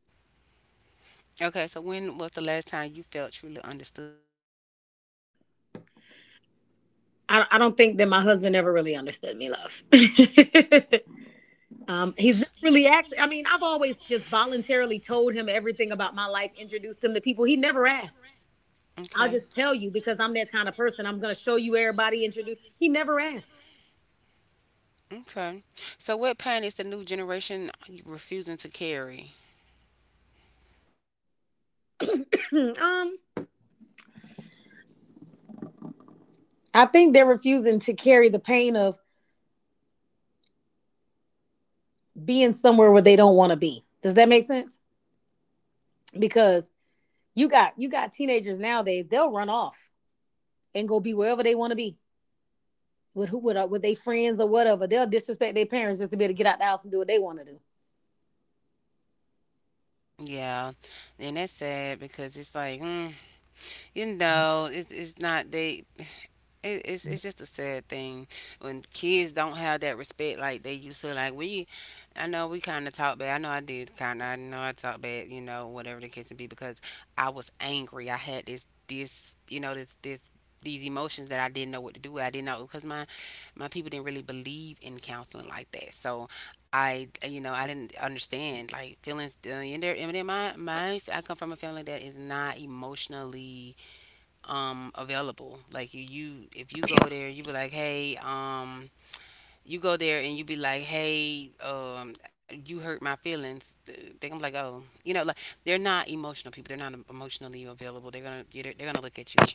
Okay, so when was the last time you felt truly understood?
I don't think that my husband ever really understood me, love. *laughs* He's never really asked. I mean, I've always just voluntarily told him everything about my life, introduced him to people. He never asked. I'll
Okay.
just tell you because I'm that kind of person. I'm gonna show you everybody, introduce. He never asked.
Okay. So what pain is the new generation refusing to carry?
*clears throat* um, I think they're refusing to carry the pain of being somewhere where they don't want to be. Does that make sense? Because you got teenagers nowadays. They'll run off and go be wherever they want to be with, with their friends or whatever. They'll disrespect their parents just to be able to get out the house and do what they want to do.
Yeah, and that's sad because it's like, mm, you know, it's not they it's just a sad thing when kids don't have that respect like they used to. I know we kind of talk bad. I know I did kind of. I know I talk bad. You know, whatever the case may be, because I was angry. I had this you know this these emotions that I didn't know what to do with. I didn't know because my people didn't really believe in counseling like that. So I you know I didn't understand like feelings in there. And then my I come from a family that is not emotionally available. Like you if you go there, you be like, hey, you go there and you be like, hey, you hurt my feelings. They gonna be like, oh, you know, like they're not emotional people. They're not emotionally available. They're gonna look at you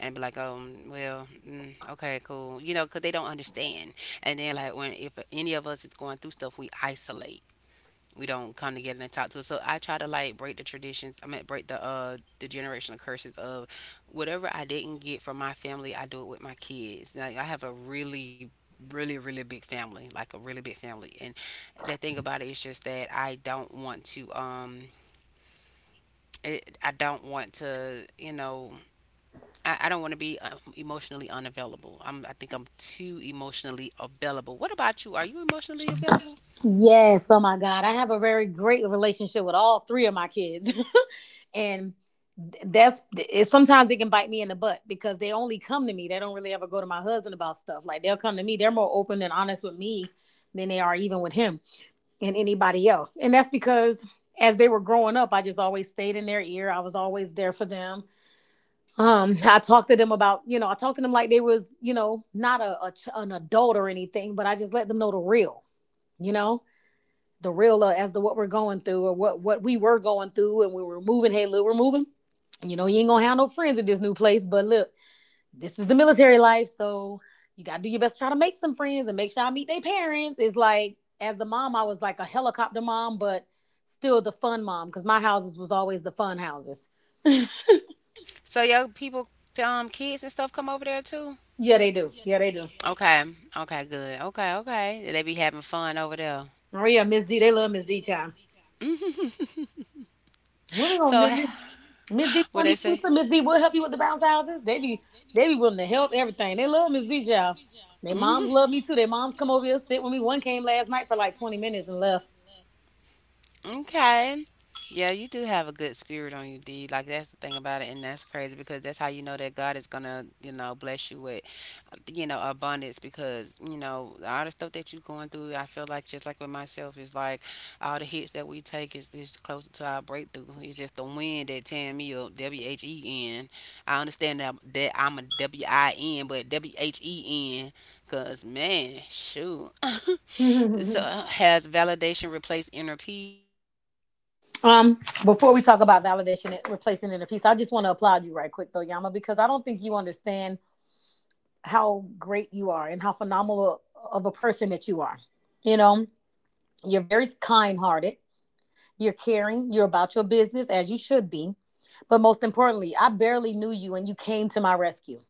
and be like, oh, well, mm, okay, cool, you know, because they don't understand. And then like when if any of us is going through stuff, we isolate. We don't come together and talk to it. So I try to like break the traditions. I mean, break the generational curses of whatever I didn't get from my family. I do it with my kids. Like I have a really big family, like a really big family. And the thing about it is just that I don't want to I don't want to you know I don't want to be emotionally unavailable. I'm I think I'm too emotionally available. What about you, are you emotionally available?
Yes, oh my God. I have a very great relationship with all three of my kids. *laughs* And that's it, sometimes they can bite me in the butt because they only come to me. They don't really ever go to my husband about stuff. Like they'll come to me, they're more open and honest with me than they are even with him and anybody else. And that's because, as they were growing up, I just always stayed in their ear, I was always there for them. *laughs* I talked to them about, I talked to them like they was, you know, not a, a an adult or anything, but I just let them know the real, you know, the real, as to what we're going through or what we were going through. And we were moving. Hey, Lou, we're moving, you know, you ain't gonna have no friends at this new place, but look, this is the military life, so you gotta do your best to try to make some friends and make sure I meet their parents. It's like, as the mom, I was like a helicopter mom, but still the fun mom, because my houses was always the fun houses.
So your people kids and stuff come over there too?
Yeah, they do. Yeah, they do.
Okay. Okay, good. Okay, okay. They be having fun over there.
Oh yeah, Miss D, they love Miss D child. When we gonna
So,
miss Miss D
*laughs* what they
22?
say?
Miss D will help you with the bounce houses. They be willing to help everything. They love Miss D child. They moms love
*laughs*
me too. Their moms come over here, sit with me. One came last night for like 20 minutes and left.
Okay. Yeah, you do have a good spirit on you, D. Like that's the thing about it, and that's crazy because that's how you know that God is gonna, you know, bless you with, you know, abundance. Because you know all the stuff that you're going through, I feel like just like with myself, is like all the hits that we take is just closer to our breakthrough. It's just the wind that tearing me up. when. I understand that that I'm a win, but when. Cause man, shoot. *laughs* So
*laughs*
has validation replaced inner peace?
Um, Before we talk about validation and replacing inner peace, I just want to applaud you right quick though, Yama, because I don't think you understand how great you are and how phenomenal of a person that you are. You know, you're very kind hearted, you're caring, you're about your business as you should be. But most importantly, I barely knew you and you came to my rescue.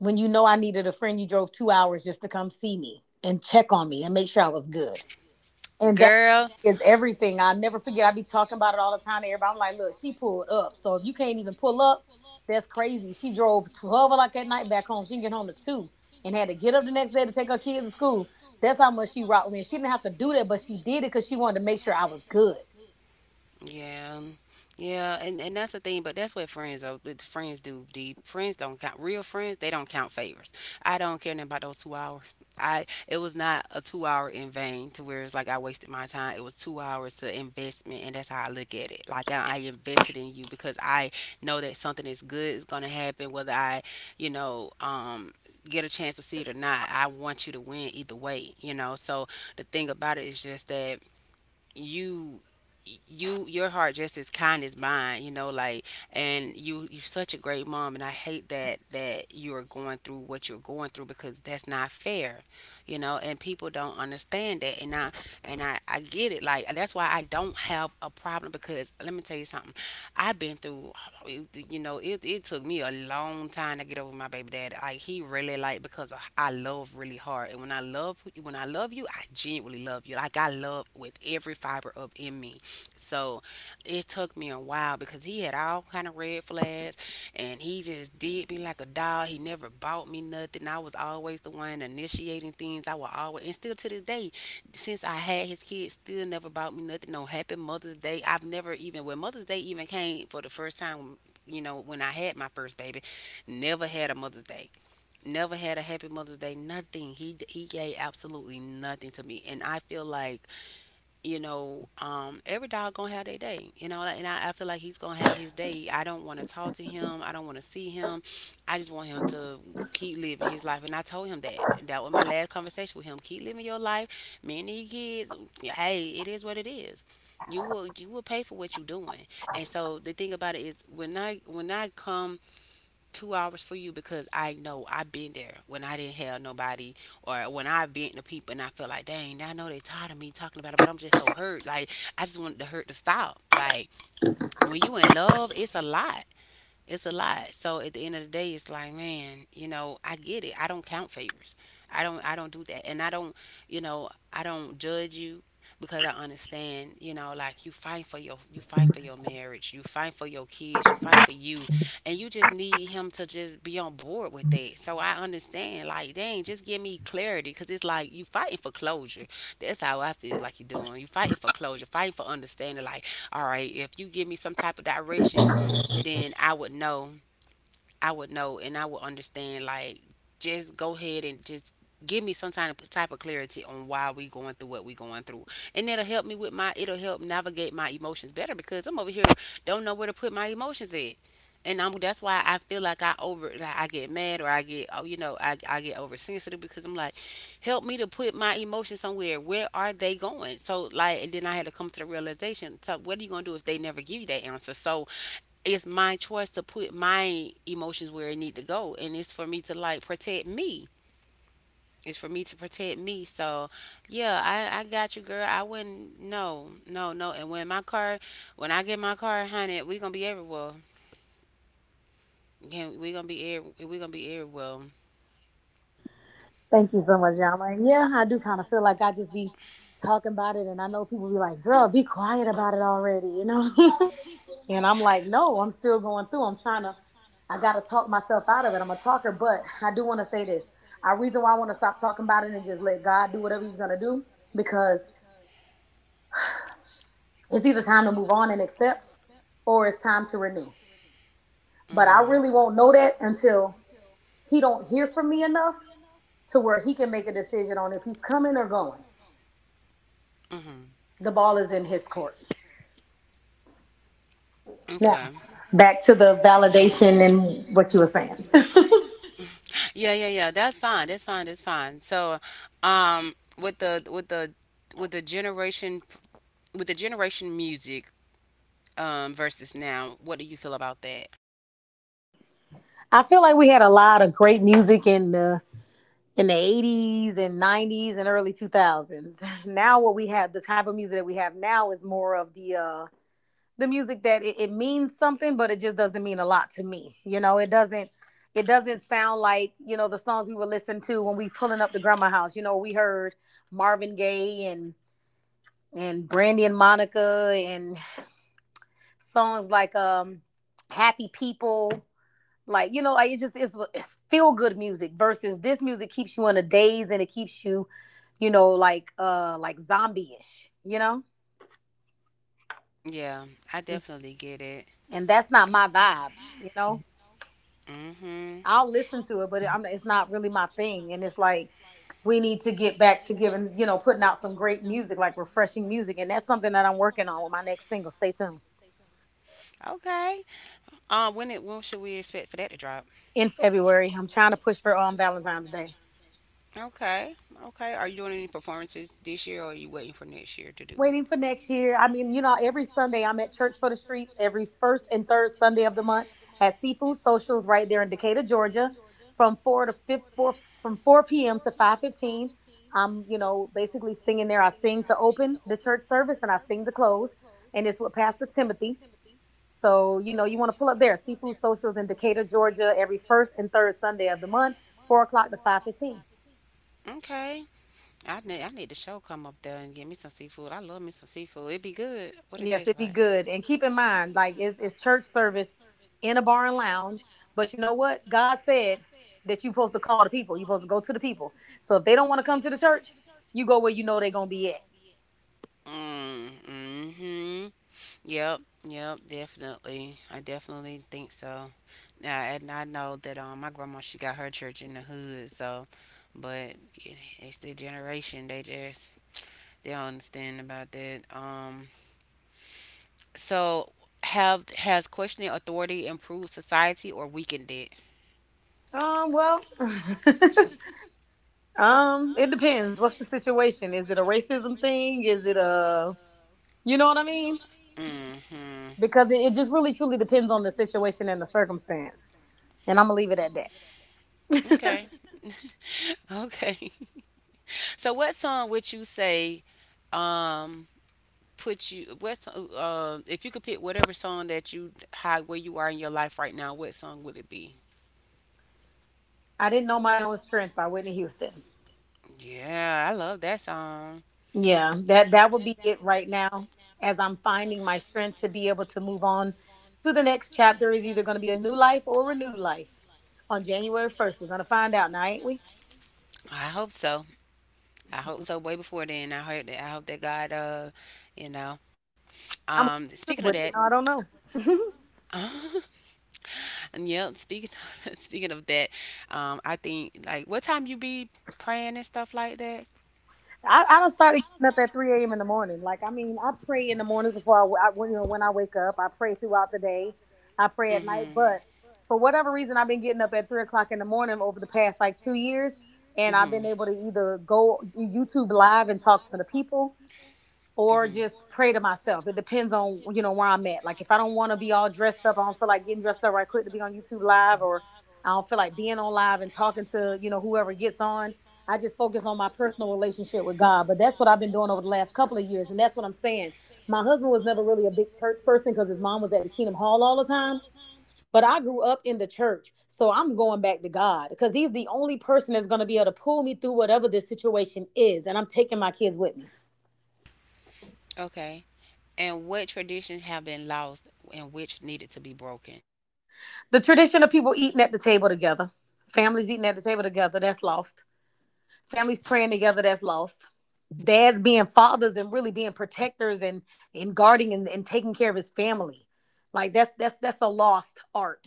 When you know I needed a friend, you drove 2 hours just to come see me and check on me and make sure I was good. And that
Girl,
is everything. I'll never forget. I be talking about it all the time to everybody. I'm like, look, she pulled up. So if you can't even pull up, that's crazy. She drove 12 o'clock at night back home. She didn't get home to 2 and had to get up the next day to take her kids to school. That's how much she rocked me. And she didn't have to do that, but she did it because she wanted to make sure I was good.
yeah, yeah, and that's the thing. But that's what friends though. But Friends do The Friends don't count. Real friends, they don't count favors. I don't care nothing about those 2 hours. I It was not a 2 hour in vain to where it's like I wasted my time. It was 2 hours to investment, and that's how I look at it. I invested in you because I know that something is good is gonna happen, whether I, you know, get a chance to see it or not. I want you to win either way, you know. So the thing about it is just that you you your heart just as kind as mine, you know, like and you're such a great mom, and I hate that you're going through what you're going through, because that's not fair. You know, and people don't understand that. And I get it. Like that's why I don't have a problem because let me tell you something. I've been through. It took me a long time to get over my baby dad. Like he really like because I love really hard. And when I love you, I genuinely love you. Like I love with every fiber of in me. So it took me a while because he had all kind of red flags, and he just did me like a dog. He never bought me nothing. I was always the one initiating things. I would always and still to this day, since I had his kids, still never bought me nothing on happy Mother's Day. I've never even when Mother's Day even came for the first time, when I had my first baby, never had a Mother's Day. Never had a happy Mother's Day. Nothing. He gave absolutely nothing to me, and I feel like, every dog gonna have their day, and I feel like he's gonna have his day. I don't want to talk to him. I don't want to see him. I just want him to keep living his life. And I told him that. That was my last conversation with him. Keep living your life. Me and these kids, hey, it is what it is. You will pay for what you're doing. And so the thing about it is when I come 2 hours for you because I know I've been there when I didn't have nobody, or when I've been to people and I feel like, dang, I know they tired of me talking about it, but I'm just so hurt. Like I just want the hurt to stop. Like when you in love, it's a lot. It's a lot. So at the end of the day, it's like, man, I get it. I don't count favors. I don't do that. And I don't judge you because I understand, like you fight for your marriage, you fight for your kids, you fight for you, and you just need him to just be on board with that. So I understand, like, dang, just give me clarity, cause it's like you fighting for closure. That's how I feel like you're doing. You fighting for closure, fighting for understanding. Like, all right, if you give me some type of direction, then I would know. I would know and I would understand like just go ahead and just give me some kind of type of clarity on why we going through what we going through. And it'll help navigate my emotions better because I'm over here, don't know where to put my emotions at. And I'm that's why I feel like I over like I get mad or I get oversensitive because I'm like, help me to put my emotions somewhere. Where are they going? So like, and then I had to come to the realization. So what are you gonna do if they never give you that answer? So it's my choice to put my emotions where it need to go, and it's for me to protect me. So yeah, I got you, girl. I wouldn't. No, no, no. And when I get my car honey, we gonna be everywhere. Can we gonna be everywhere.
Thank you so much, Yama. And yeah, I do kind of feel like I just be talking about it, and I know people be like, "Girl, be quiet about it already," you know. *laughs* And I'm like, "No, I'm still going through. I'm trying to. I gotta talk myself out of it." I'm a talker, but I do want to say this. I reason why I want to stop talking about it and just let God do whatever He's gonna do, because it's either time to move on and accept, or it's time to renew. But I
Mm-hmm.
really won't know that until He don't hear from me enough to where He can make a decision on if He's coming or going.
Mm-hmm.
The ball is in His court. Now,
Okay.
back to the validation and what you were saying.
Yeah, yeah, yeah, that's fine, that's fine, that's fine. So, with the generation music, versus now, what do you feel about that?
*laughs* I feel like we had a lot of great music in the 80s and 90s and early 2000s. *laughs* Now what we have, the type of music that we have now is more of the music that it means something, but it just doesn't mean a lot to me. You know, it doesn't sound like, you know, the songs we were listening to when we pulling up the grandma house. You know, we heard Marvin Gaye and Brandy and Monica and songs like happy people, like, you know, like it just it's feel good music versus this music keeps you in a daze and it keeps you, you know, like zombie-ish, you know.
Yeah, I definitely get it.
And that's not my vibe, you know.
Mhm.
I'll listen to it, but it's not really my thing, and it's like we need to get back to giving, you know, putting out some great music, like refreshing music. And that's something that I'm working on with my next single. Stay tuned.
Okay. When should we expect for that to drop?
In February I'm trying to push for Valentine's Day.
Okay. Okay. Are you doing any performances this year, or are you waiting for next year to do it?
Waiting for next year. I mean, you know, every Sunday I'm at Church for the Streets every first and third Sunday of the month at Seafood Socials right there in Decatur, Georgia, from four to fifth, four from 4 p.m. to 5:15. I'm, you know, basically singing there. I sing to open the church service and I sing to close, and it's with Pastor Timothy. So, you know, you want to pull up there, Seafood Socials in Decatur, Georgia, every first and third Sunday of the month, 4 o'clock to 5:15.
Okay. I need the show come up there and get me some seafood. I love me some seafood. It'd be good. What it
Yes,
taste
it'd be
like?
good. And keep in mind, like it's church service in a bar and lounge. But you know what? God said that you're supposed to call the people. You're supposed to go to the people. So if they don't want to come to the church, you go where you know they're gonna be at.
Mm. Mhm. Yep, yep, definitely. I definitely think so. Now, and I know that my grandma she got her church in the hood, so, but yeah, it's the generation, they don't understand about that. So have has questioning authority improved society or weakened it?
Well, *laughs* it depends. What's the situation? Is it a racism thing? Is it a, you know what I mean?
Mm-hmm.
Because it just really truly depends on the situation and the circumstance. And I'm gonna leave it at that.
Okay. *laughs* Okay. So what song would you say um put you what so, if you could pick whatever song that you how where you are in your life right now, what song would it be?
I didn't know my own strength by Whitney Houston.
Yeah, I love that song.
Yeah, that that would be it right now. As I'm finding my strength to be able to move on to the next chapter is either going to be a new life or a renewed life. On January 1st, we're going to find out now, ain't we?
I hope so, I hope so. Way before then, I heard that. I hope that God, you know
I'm
speaking of
hoping to,
that.
but you know, I don't know. *laughs*
*laughs* And yeah, *laughs* speaking of that, I think like what time you be praying and stuff like that?
I don't start getting up at 3 a.m. in the morning. Like, I mean, I pray in the mornings before I when, you know, when I wake up. I pray throughout the day. I pray at night.
Mm-hmm.
But for whatever reason, I've been getting up at 3 o'clock in the morning over the past like 2 years. And I've
Mm-hmm.
been able to either go YouTube live and talk to the people or
Mm-hmm.
just pray to myself. It depends on, you know, where I'm at. Like if I don't want to be all dressed up, I don't feel like getting dressed up right quick to be on YouTube live, or I don't feel like being on live and talking to, you know, whoever gets on. I just focus on my personal relationship with God. But that's what I've been doing over the last couple of years, and that's what I'm saying. My husband was never really a big church person because his mom was at the Kingdom Hall all the time. But I grew up in the church, so I'm going back to God because He's the only person that's going to be able to pull me through whatever this situation is, and I'm taking my kids with me.
Okay. And what traditions have been lost and which needed to be broken?
The tradition of people eating at the table together, families eating at the table together, that's lost. Families praying together, that's lost. Dads being fathers and really being protectors and guarding and taking care of his family. Like that's a lost art.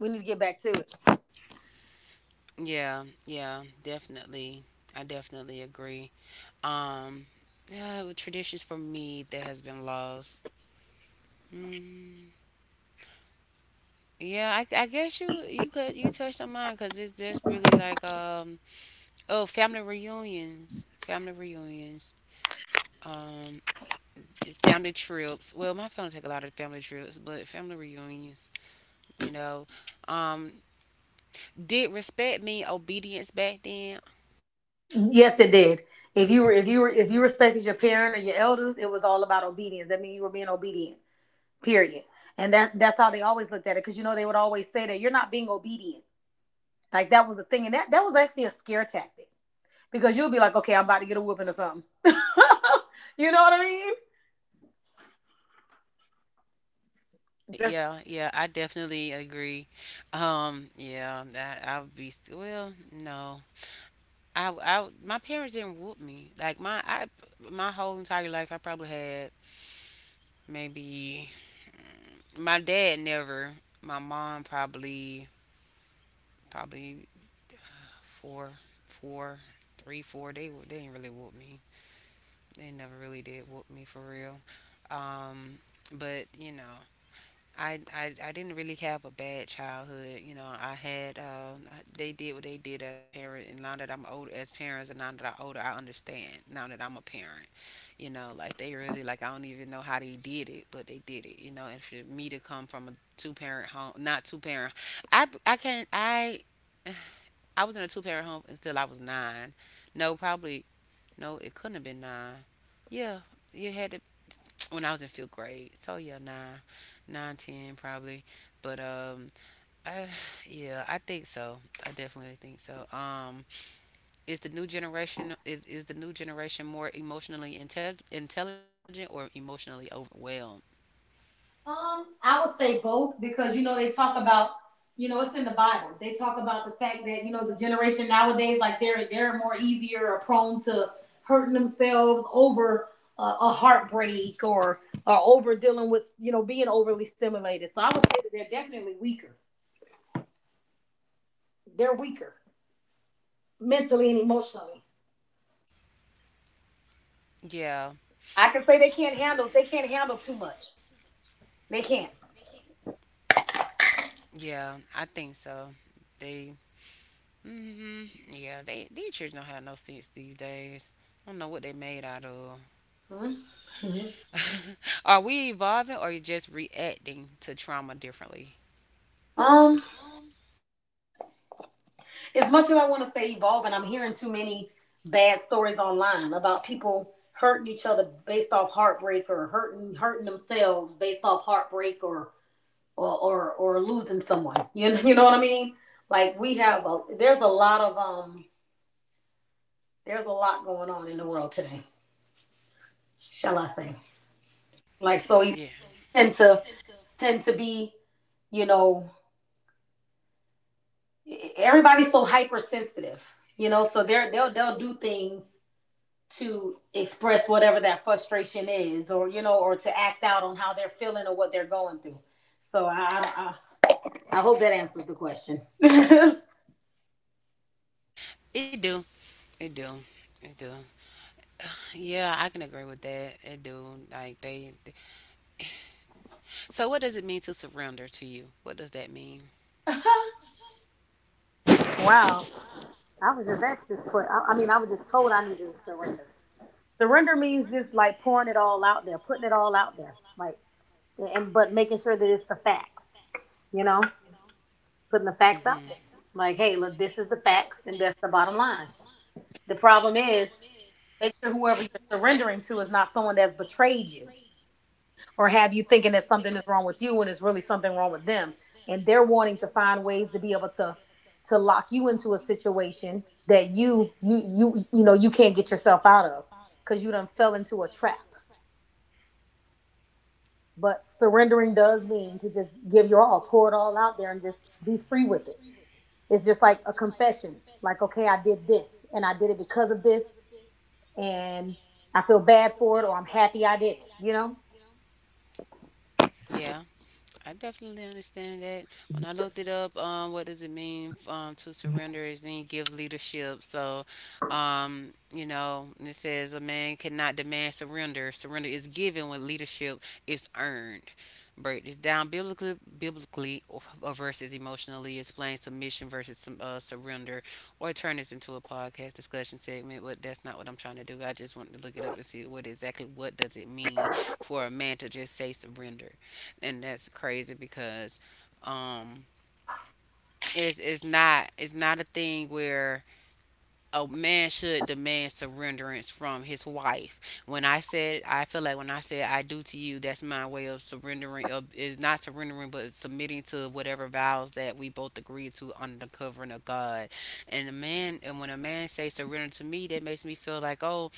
We need to get back to it.
Yeah, yeah, definitely. I definitely agree. Um, yeah, with traditions for me that has been lost. Mm, yeah, I guess you touched on mine because it's that's really like, oh, family reunions, um the family trips. Well, my family take a lot of family trips, but family reunions. You know, um did respect mean obedience back then?
Yes, it did. If you were if you respected your parent or your elders, it was all about obedience. That means you were being obedient. Period. And that that's how they always looked at it. Because you know they would always say that you're not being obedient. Like that was a thing. And that that was actually a scare tactic because you'll be like, okay, I'm about to get a whooping or something. *laughs* You know what I mean?
Yeah, yeah, I definitely agree. Yeah, that I would be well, no. I my parents didn't whoop me. Like my whole entire life I probably had maybe my dad never, my mom probably four four three four, they didn't really whoop me. They never really did whoop me for real. Um but I didn't really have a bad childhood. They did what they did as a parent. And now that I'm older, as parents, and now that I'm older, I understand. Now that I'm a parent, like they really, like, I don't even know how they did it, but they did it. And for me to come from a two parent home, not two parent, I can't, I was in a two parent home until I was nine. No, probably, no, it couldn't have been nine. Yeah, it had to, when I was in fifth grade. So yeah, nine, nine, ten probably. But I yeah, I think so. I definitely think so. Is the new generation more emotionally intelligent or emotionally overwhelmed?
I would say both because you know they talk about, you know, it's in the Bible. They talk about the fact that you know the generation nowadays, like they're more easier or prone to hurting themselves over a heartbreak or over dealing with, you know, being overly stimulated. So I would say that they're definitely weaker. They're weaker mentally and emotionally.
Yeah,
I can say they can't handle. They can't handle too much. They can't.
yeah, I think so. They, hmm, yeah, they these children don't have no sense these days. I don't know what they made out of.
Hmm?
Are we evolving or you just reacting to trauma differently?
Um, as much as I want to say evolving, I'm hearing too many bad stories online about people hurting each other based off heartbreak or hurting themselves based off heartbreak or losing someone. *laughs* You know what I mean? Like we have a there's a lot of there's a lot going on in the world today, shall I say? Like, so you
Yeah,
tend to tend to be, you know, everybody's so hypersensitive, you know, so they'll do things to express whatever that frustration is, or, you know, or to act out on how they're feeling or what they're going through. So I hope that answers the question. *laughs* Wow.
it do. It do. It do. Yeah, I can agree with that. It do. Like So what does it mean to surrender to you? What does that mean?
I was just asked this question. I mean I was just told I needed to surrender. Surrender means just like pouring it all out there, putting it all out there, like, and but making sure that it's the facts, you know, putting the facts out
Mhm.
there, like, hey, look, this is the facts, and that's the bottom line. The problem is, make sure whoever you're surrendering to is not someone that's betrayed you or have you thinking that something is wrong with you when it's really something wrong with them, and they're wanting to find ways to be able to lock you into a situation that you know you can't get yourself out of because you done fell into a trap. But surrendering does mean to just give your all, pour it all out there and just be free with it. It's just like a confession, like, okay, I did this and I did it because of this, and I feel bad for it, or I'm happy I did it, you know.
Yeah. I definitely understand that. When I looked it up, what does it mean to surrender is then give leadership. So, it says a man cannot demand surrender. Surrender is given when leadership is earned. Break this down biblically or versus emotionally. Explain submission versus surrender, or turn this into a podcast discussion segment. But that's not what I'm trying to do. I just wanted to look it up and see what does it mean for a man to just say surrender, and that's crazy because um it's not a thing where a man should demand surrenderance from his wife. When I said, I feel like, when I said I do to you, that's my way of surrendering, of is not surrendering but submitting to whatever vows that we both agree to under the covering of God. And when a man says surrender to me, that makes me feel like, oh,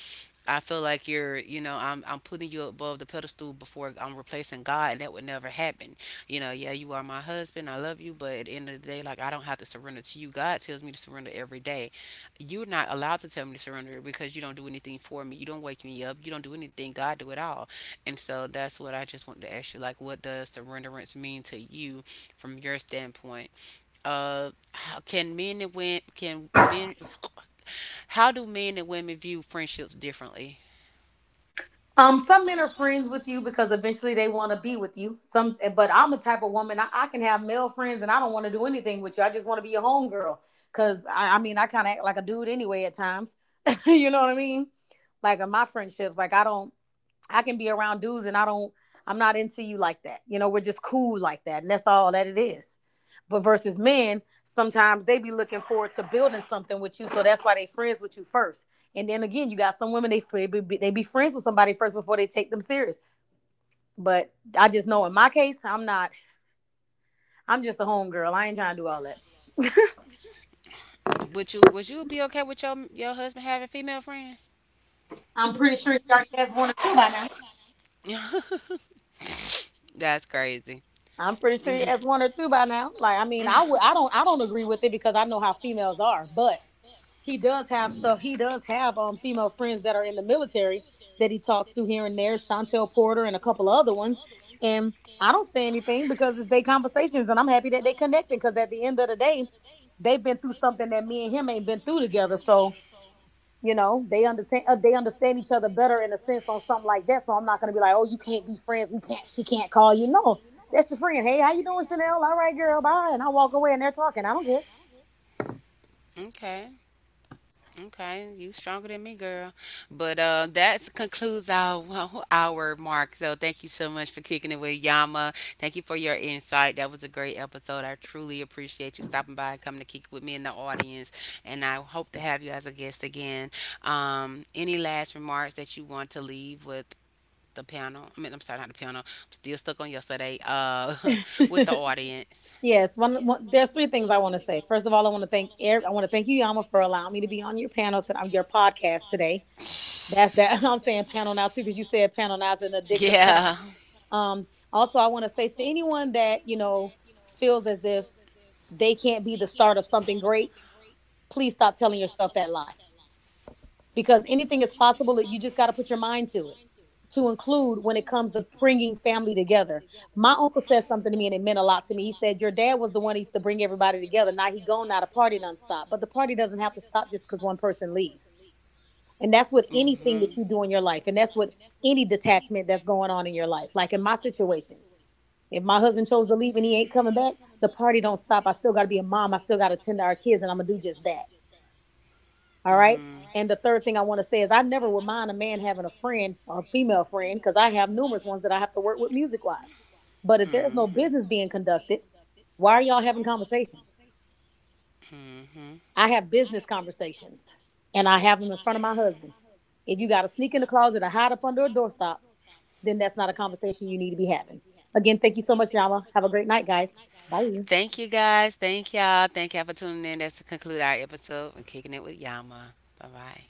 I feel like you're, you know, I'm putting you above the pedestal before I'm replacing God, and that would never happen. Yeah, you are my husband. I love you, but at the end of the day, like I don't have to surrender to you. God tells me to surrender every day. You're not allowed to tell me to surrender because you don't do anything for me. You don't wake me up. You don't do anything. God do it all. And so that's what I just wanted to ask you. Like, what does surrenderance mean to you from your standpoint? Can men and women can men *clears throat* How do men and women view friendships differently?
Some men are friends with you because eventually they want to be with you. Some, but I'm a type of woman. I can have male friends, and I don't want to do anything with you. I just want to be your homegirl. Cause I I kind of act like a dude anyway at times. *laughs* You know what I mean? Like in my friendships, like I don't. I can be around dudes and I'm not into you like that. You know, we're just cool like that. And that's all that it is. But versus men, sometimes they be looking forward to building something with you. So that's why they friends with you first. And then again, you got some women they be friends with somebody first before they take them serious. But I just know in my case, I'm not. I'm just a homegirl. I ain't trying to do all that.
Would you be okay with your husband having female friends?
I'm pretty sure you already has one or two by now.
That's crazy.
I'm pretty sure you has one or two by now. Like I mean, I don't agree with it because I know how females are, but he does have stuff. He does have female friends that are in the military that he talks to here and there, Chantel Porter and a couple of other ones. And I don't say anything because it's their conversations, and I'm happy that they connecting because at the end of the day, they've been through something that me and him ain't been through together. So you know they understand they understand each other better in a sense on something like that. So I'm not gonna be like, oh, you can't be friends. You can't. She can't call you. No. That's your friend. Hey, how you doing, Chanel? All right, girl. Bye. And I walk away and they're talking. I don't
Okay, okay, you stronger than me, girl. But that concludes our mark. So thank you so much for kicking it with Yama. Thank you for your insight. That was a great episode. I truly appreciate you stopping by and coming to kick it with me in the audience. And I hope to have you as a guest again. Any last remarks that you want to leave with the panel? I mean, I'm sorry, not the panel. I'm still stuck on yesterday. *laughs* With
care.
the audience.
Yes, one, there's three things I want to say. First of all, I want to thank Eric. I want to thank you, Yama, for allowing me to be on your panel to on your podcast today. That's that. *laughs* I'm saying panel now too because you said panel now is an addictive term.
Yeah.
Um, Also, I want to say to anyone that you know feels as if they can't be the start of something great, please stop telling yourself that lie because anything is possible. You just got to put your mind to it, to include when it comes to bringing family together. My uncle said something to me, and it meant a lot to me. He said, "Your dad was the one that used to bring everybody together. Now he gone, now the party nonstop. But the party doesn't have to stop just because one person leaves. And that's what
Hmm.
anything that
Hmm.
you do in your life, and that's what any detachment that's going on in your life. Like in my situation, if my husband chose to leave and he ain't coming back, the party don't stop. I still got to be a mom. I still got to tend to our kids, and I'm gonna do just that all right. And the third thing I want to say is I never would mind a man having a friend, a female friend, because I have numerous ones that I have to work with music wise. But if there's no business being conducted, why are y'all having conversations?
Hmm. Hmm.
I have business conversations and I have them in front of my husband. If you got to sneak in the closet or hide up under a doorstop, then that's not a conversation you need to be having. Again, thank you so much, Yama. Have a great night, guys. Bye.
Thank you guys. Thank y'all. Thank y'all for tuning in. That's to conclude our episode and kicking it with Yama. Bye bye.